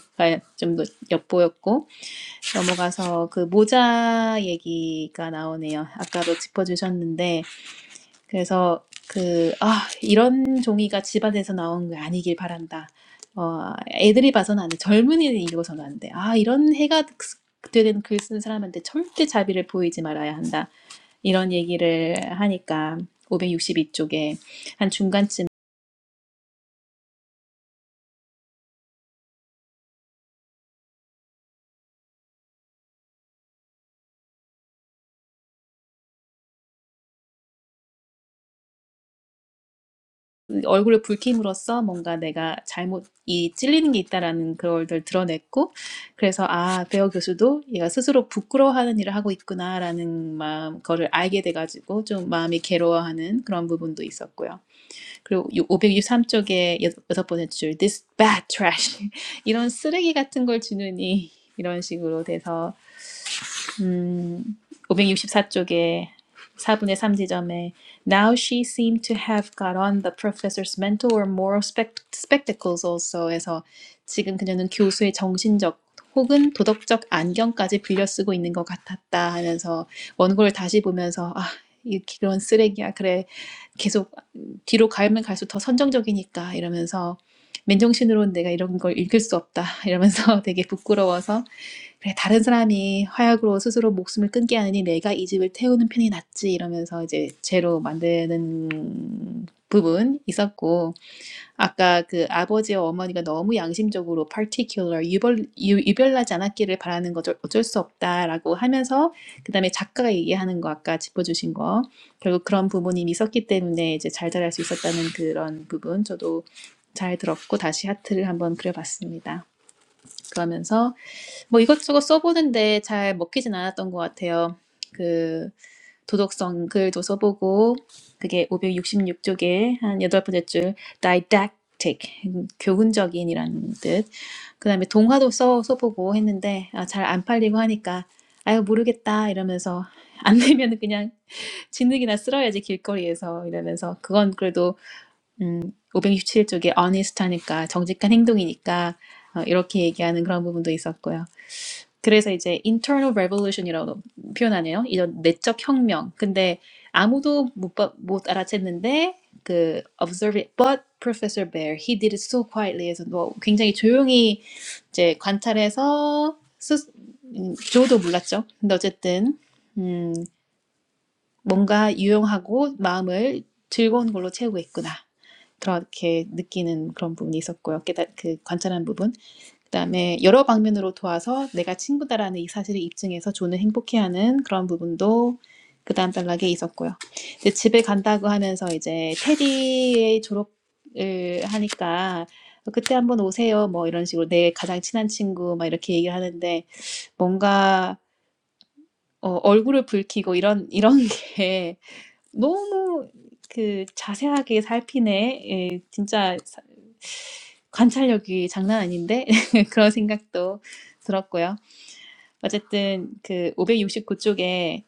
S3: 좀 더 엿보였고 넘어가서 그 모자 얘기가 나오네요. 아까도 짚어주셨는데 그래서 그, 아, 이런 종이가 집안에서 나온 게 아니길 바란다. 어, 애들이 봐서는 안 돼. 젊은이는 읽어서는 안 돼. 아, 이런 해가 되는 글 쓰는 사람한테 절대 자비를 보이지 말아야 한다. 이런 얘기를 하니까 562쪽에 한 얼굴을 붉힘으로써 뭔가 내가 잘못 이 찔리는 게 있다라는 그걸 드러냈고 그래서 아 배우 교수도 얘가 스스로 부끄러워하는 일을 하고 있구나라는 마음 거를 알게 돼가지고 좀 마음이 괴로워하는 그런 부분도 있었고요. 그리고 563쪽에 여섯 번째 줄 this bad trash 이런 쓰레기 같은 걸 주느니 이런 식으로 돼서 음, 564쪽에 4분의 3 지점에 Now she seemed to have got on the professor's mental or moral spect- spectacles also 해서 지금 그녀는 교수의 정신적 혹은 도덕적 안경까지 빌려 쓰고 있는 것 같았다 하면서 원고를 다시 보면서 아, 이 그런 쓰레기야. 그래. 계속 뒤로 가면 갈수록 더 선정적이니까 이러면서 맨정신으로는 내가 이런 걸 읽을 수 없다 이러면서 되게 부끄러워서 그래, 다른 사람이 화약으로 스스로 목숨을 끊게 하느니 내가 이 집을 태우는 편이 낫지 이러면서 이제 죄로 만드는 부분 있었고 아까 그 아버지와 어머니가 너무 양심적으로 particular 유별 유, 유별나지 않았기를 바라는 거 어쩔 수 없다라고 하면서 그다음에 작가가 얘기하는 거 아까 짚어주신 거 결국 그런 부분이 있었기 때문에 이제 잘 자랄 수 있었다는 그런 부분 저도 잘 들었고 다시 하트를 한번 그려봤습니다. 그러면서 뭐 이것저것 써보는데 잘 먹히진 않았던 것 같아요. 그 도덕성 글도 써보고 그게 566쪽에 한 여덟 번째 줄 didactic 음, 교훈적인이라는 뜻. 그다음에 동화도 써 써보고 했는데 아, 잘 안 팔리고 하니까 아유 모르겠다 이러면서 안 되면 그냥 진흙이나 쓸어야지 길거리에서 이러면서 그건 그래도 음5십7쪽에 honest 하니까 정직한 행동이니까 어, 이렇게 얘기하는 그런 부분도 있었고요. 그래서 이제 internal revolution이라고 표현하네요. 이런 내적 혁명. 근데 아무도 못, 못 알아챘는데 그 observe it. But Professor Bear, he did it so quietly. 해서 뭐 굉장히 조용히 이제 관찰해서 스, 음, 도 몰랐죠. 근데 어쨌든 음, 뭔가 유용하고 마음을 즐거운 걸로 채우고 있구나. 그렇게 느끼는 그런 부분이 있었고요. 깨달 그 관찰한 부분. 그다음에 여러 방면으로 도와서 내가 친구다라는 이 사실을 입증해서 존을 행복해하는 그런 부분도 그다음 단락에 있었고요. 이제 집에 간다고 하면서 이제 테디의 졸업을 하니까 그때 한번 오세요. 뭐 이런 식으로 내 가장 친한 친구 막 이렇게 얘기를 하는데 뭔가 어, 얼굴을 붉히고 이런 이런 게 너무 그 자세하게 살피네. 예, 진짜 관찰력이 장난 아닌데 그런 생각도 들었고요. 어쨌든 그 569쪽에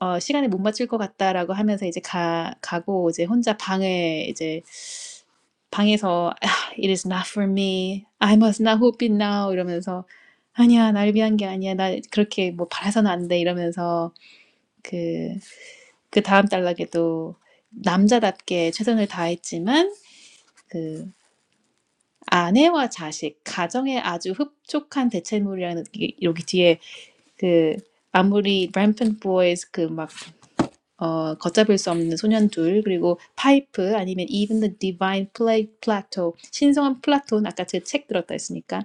S3: 어, 시간에 못 맞출 것 같다라고 하면서 이제 가 가고 이제 혼자 방을 이제 방에서 "Ah, It is not for me. I must not hope it now 이러면서 아니야 날 위한 게 아니야 나 그렇게 뭐 바라서는 안 돼 이러면서 그 그 다음 단락에도 남자답게 최선을 다했지만 그 아내와 자식 가정에 아주 흡족한 대체물이라는 게 여기 뒤에 그 아무리 rampant boys 그막 어, 걷잡을 수 없는 소년 둘, 그리고 파이프 아니면 Even the Divine Pla- Plateau, 신성한 플라톤 아까 제 책 들었다 했으니까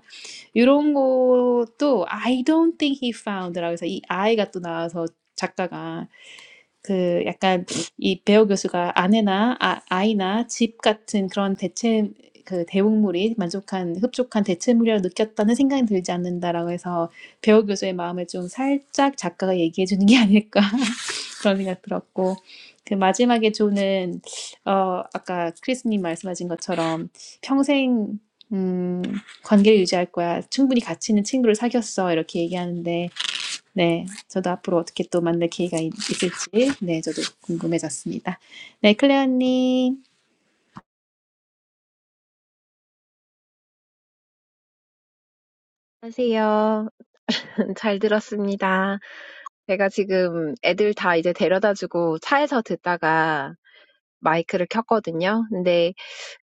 S3: 이런 것도 I don't think he found라고 해서 이 I가 또 나와서 작가가 그 약간 이 배우 교수가 아내나 아, 아이나 집 같은 그런 대체 그 대국물이 만족한 흡족한 대체물이라고 느꼈다는 생각이 들지 않는다라고 해서 배우 교수의 마음을 좀 살짝 작가가 얘기해 주는 게 아닐까 그런 생각 들었고 그 마지막에 조는 어 아까 크리스님 말씀하신 것처럼 평생 음 관계를 유지할 거야 충분히 가치 있는 친구를 사귀었어 이렇게 얘기하는데 네 저도 앞으로 어떻게 또 만날 기회가 있- 있을지 네 저도 궁금해졌습니다 네 클레어님
S5: 안녕하세요. 잘 들었습니다. 제가 지금 애들 다 이제 데려다 주고 차에서 듣다가 마이크를 켰거든요. 근데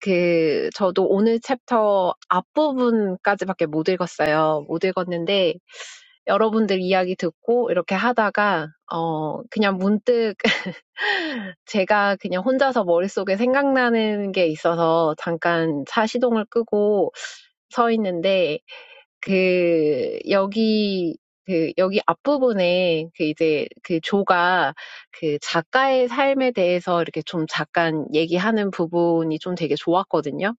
S5: 그, 저도 오늘 챕터 앞부분까지밖에 못 읽었어요. 못 읽었는데, 여러분들 이야기 듣고 이렇게 하다가, 어, 그냥 문득 제가 그냥 혼자서 머릿속에 생각나는 게 있어서 잠깐 차 시동을 끄고 서 있는데, 그 여기 그 여기 앞부분에 그 이제 그 조가 그 작가의 삶에 대해서 이렇게 좀 잠깐 얘기하는 부분이 좀 되게 좋았거든요.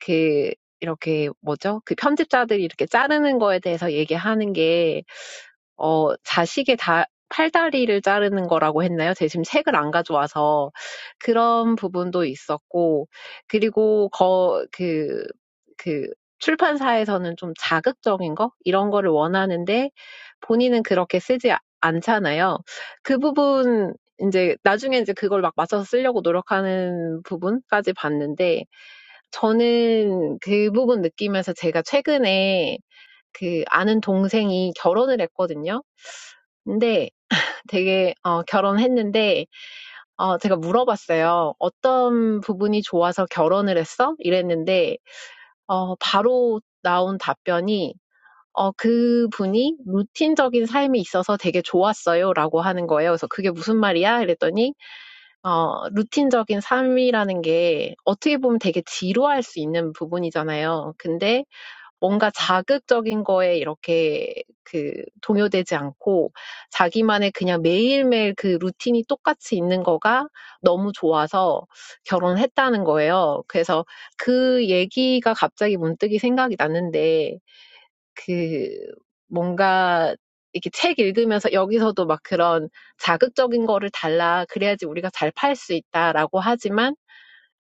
S5: 그 이렇게 뭐죠? 그 편집자들이 이렇게 자르는 거에 대해서 얘기하는 게 어, 자식의 다, 팔다리를 자르는 거라고 했나요? 제가 지금 책을 안 가져와서 그런 부분도 있었고, 그리고 거, 그, 그, 출판사에서는 좀 자극적인 거? 이런 거를 원하는데 본인은 그렇게 쓰지 아- 않잖아요. 그 부분, 이제 나중에 이제 그걸 막 맞춰서 쓰려고 노력하는 부분까지 봤는데, 저는 그 부분 느끼면서 제가 최근에 그 아는 동생이 결혼을 했거든요. 근데 되게 어 결혼했는데 어 제가 물어봤어요. "어떤 부분이 좋아서 결혼을 했어?" 이랬는데 어 바로 나온 답변이 어 그분이 "루틴적인 삶이 있어서 되게 좋았어요."라고 하는 거예요. 그래서 "그게 무슨 말이야?" 이랬더니 어 루틴적인 삶이라는 게 어떻게 보면 되게 지루할 수 있는 부분이잖아요. 근데 뭔가 자극적인 거에 이렇게 그 동요되지 않고 자기만의 그냥 매일매일 그 루틴이 똑같이 있는 거가 너무 좋아서 결혼했다는 거예요. 그래서 그 얘기가 갑자기 문득이 생각이 났는데 그 뭔가 이렇게 책 읽으면서 여기서도 막 그런 자극적인 거를 달라 그래야지 우리가 잘 팔 수 있다라고 하지만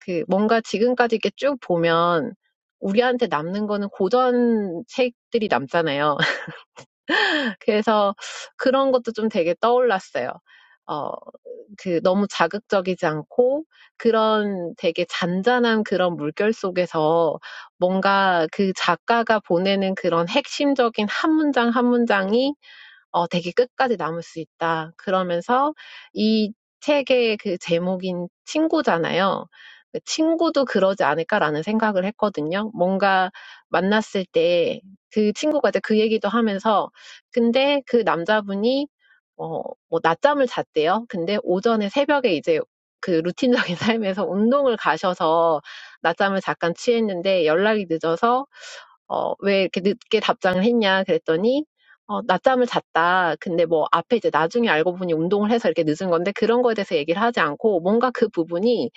S5: 그 뭔가 지금까지 이렇게 쭉 보면 우리한테 남는 거는 고전 책들이 남잖아요. 그래서 그런 것도 좀 되게 떠올랐어요. 어, 그 너무 자극적이지 않고 그런 되게 잔잔한 그런 물결 속에서 뭔가 그 작가가 보내는 그런 핵심적인 한 문장 한 문장이 어, 되게 끝까지 남을 수 있다. 그러면서 이 책의 그 제목인 친구잖아요. 그 친구도 그러지 않을까라는 생각을 했거든요. 뭔가 만났을 때 그 친구가 이제 그 얘기도 하면서 근데 그 남자분이 어, 뭐 낮잠을 잤대요. 근데 오전에 새벽에 이제 그 루틴적인 삶에서 운동을 가셔서 낮잠을 잠깐 취했는데 연락이 늦어서 어, 왜 이렇게 늦게 답장을 했냐 그랬더니 어, 낮잠을 잤다. 근데 뭐 앞에 이제 나중에 알고 보니 운동을 해서 이렇게 늦은 건데 그런 거에 대해서 얘기를 하지 않고 뭔가 그 부분이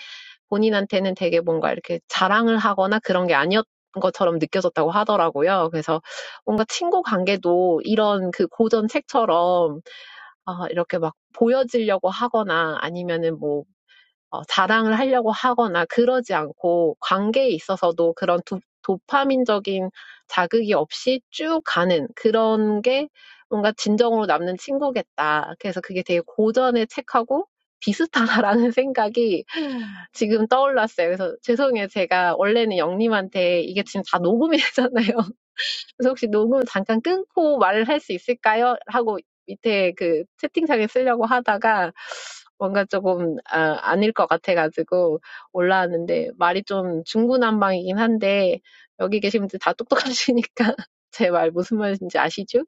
S5: 본인한테는 되게 뭔가 이렇게 자랑을 하거나 그런 게 아니었던 것처럼 느껴졌다고 하더라고요. 그래서 뭔가 친구 관계도 이런 그 고전 책처럼 어, 이렇게 막 보여지려고 하거나 아니면은 뭐 어, 자랑을 하려고 하거나 그러지 않고 관계에 있어서도 그런 도, 도파민적인 자극이 없이 쭉 가는 그런 게 뭔가 진정으로 남는 친구겠다. 그래서 그게 되게 고전의 책하고 비슷하다라는 생각이 지금 떠올랐어요. 그래서 죄송해요. 제가 원래는 영님한테 이게 지금 다 녹음이 되잖아요. 그래서 혹시 녹음 잠깐 끊고 말을 할 수 있을까요? 하고 밑에 그 채팅창에 쓰려고 하다가 뭔가 조금 아, 아닐 것 같아가지고 올라왔는데 말이 좀 중구난방이긴 한데 여기 계신 분들 다 똑똑하시니까 제 말 무슨 말인지 아시죠?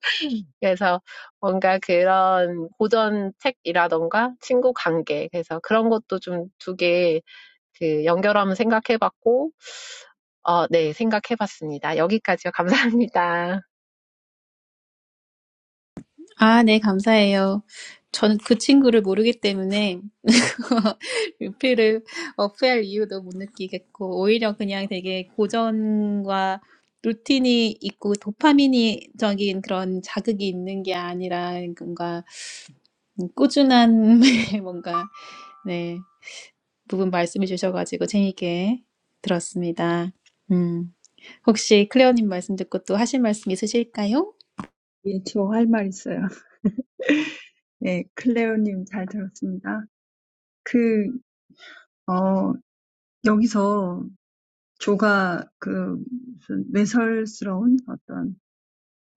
S5: 그래서 뭔가 그런 고전 책이라던가 친구 관계 그래서 그런 것도 좀 두 개 그 연결하면 생각해봤고 어, 네, 생각해봤습니다. 여기까지요. 감사합니다.
S3: 아, 네, 감사해요. 저는 그 친구를 모르기 때문에 루피를 어필할 이유도 못 느끼겠고, 오히려 그냥 되게 고전과 루틴이 있고 도파민이적인 그런 자극이 있는 게 아니라 뭔가 꾸준한 뭔가 네 부분 말씀해 주셔가지고 재미있게 들었습니다. 음 혹시 클레어님 말씀 듣고 또 하실 말씀 있으실까요?
S1: 예, 저할 말 있어요. 예, 클레오님 잘 들었습니다. 그, 어, 여기서 조가 그 무슨 매설스러운 어떤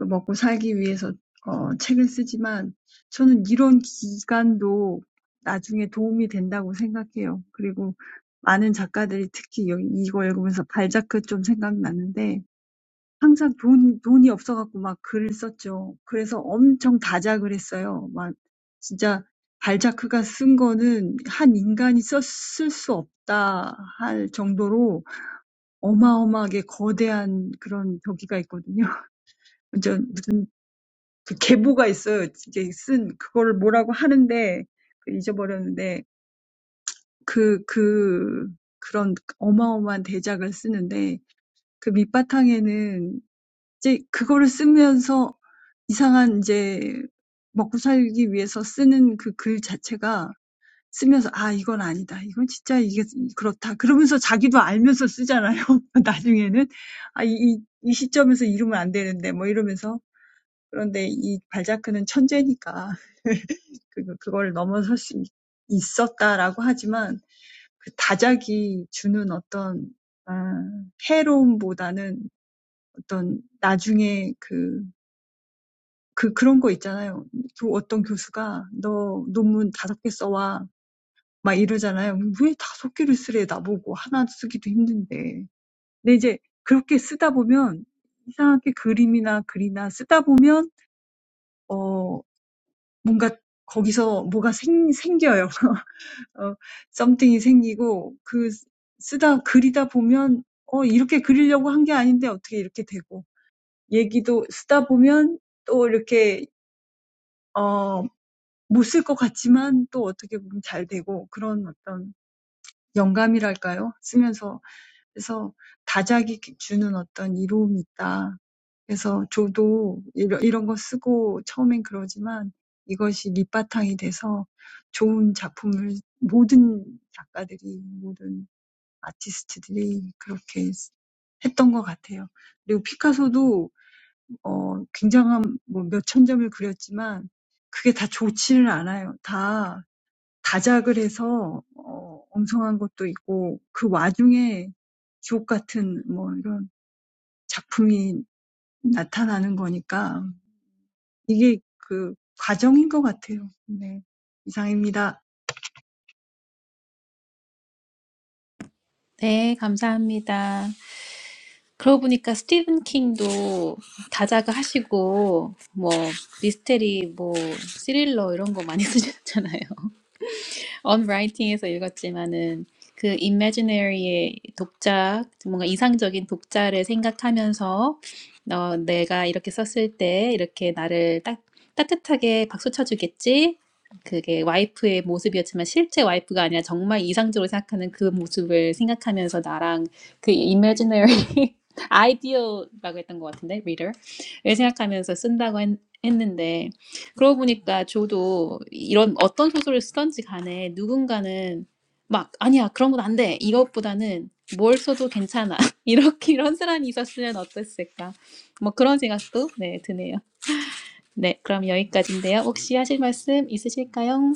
S1: 먹고 살기 위해서 어, 책을 쓰지만 저는 이런 기간도 나중에 도움이 된다고 생각해요. 그리고 많은 작가들이 특히 여기 이거 읽으면서 발자크 좀 생각나는데 항상 돈, 돈이 없어갖고 막 글을 썼죠. 그래서 엄청 다작을 했어요. 막 진짜 발자크가 쓴 거는 한 인간이 썼을 수 없다 할 정도로 어마어마하게 거대한 그런 벽기가 있거든요. 완전 that's why I'm so excited. 그, 그걸 넘어설 수 있- 있었다라고 하지만 그 다작이 주는 어떤 아, 해로움보다는 어떤 나중에 그, 그, 그런 거 있잖아요. 교, 어떤 교수가 너 논문 다섯 개 써와. 막 이러잖아요. 왜 다섯 개를 쓰래, 나보고. 하나 쓰기도 힘든데. 근데 이제 그렇게 쓰다 보면 이상하게 그림이나 글이나 쓰다 보면, 어, 뭔가 거기서 뭐가 생, 생겨요. 어, something이 생기고 그 쓰다 그리다 보면 어 이렇게 그리려고 한 게 아닌데 어떻게 이렇게 되고 얘기도 쓰다 보면 또 이렇게 어, 못쓸 것 같지만 또 어떻게 보면 잘 되고 그런 어떤 영감이랄까요? 쓰면서 그래서 다작이 주는 어떤 이로움이 있다. 그래서 저도 이런, 이런 거 쓰고 처음엔 그러지만 이것이 밑바탕이 돼서 좋은 작품을 모든 작가들이 모든 아티스트들이 그렇게 했던 것 같아요. 그리고 피카소도 어 굉장한 뭐 몇천 점을 그렸지만 그게 다 좋지는 않아요. 다 다작을 해서 어 엉성한 것도 있고 그 와중에 주옥 같은 뭐 이런 작품이 나타나는 거니까 이게 그 과정인 것 같아요. 네. 이상입니다.
S3: 네, 감사합니다. 그러고 보니까 스티븐 킹도 다자가 하시고 뭐 미스테리 뭐 스릴러 이런 거 많이 쓰셨잖아요. On Writing에서 읽었지만은 그 imaginary의 독자, 뭔가 이상적인 독자를 생각하면서 어, 내가 이렇게 썼을 때 이렇게 나를 딱 따뜻하게 박수 쳐주겠지? 그게 와이프의 모습이었지만 실제 와이프가 아니라 정말 이상적으로 생각하는 그 모습을 생각하면서 나랑 그 imaginary ideal라고 했던 것 같은데 reader를 생각하면서 쓴다고 했, 했는데 그러고 보니까 저도 이런 어떤 소설을 쓰던지 간에 누군가는 막 아니야 그런 건 안 돼. 이것보다는 뭘 써도 괜찮아. 이렇게 이런 사람이 있었으면 어땠을까. 뭐 그런 생각도 네 드네요. 네 그럼 여기까지인데요. 혹시 하실 말씀 있으실까요?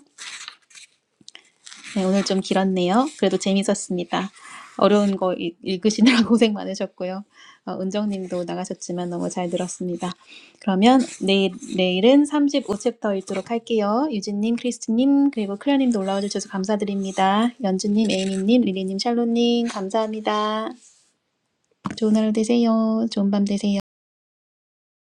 S3: 네, 오늘 좀 길었네요. 그래도 재밌었습니다. 어려운 거 읽- 읽으시느라 고생 많으셨고요. 어, 은정님도 나가셨지만 너무 잘 들었습니다. 그러면 내일, 내일은 35챕터 읽도록 할게요. 유진님, 크리스티님, 그리고 클레어님도 올라와 주셔서 감사드립니다. 연주님, 에이미님, 릴리님, 샬로님, 감사합니다. 좋은 하루 되세요. 좋은 밤 되세요.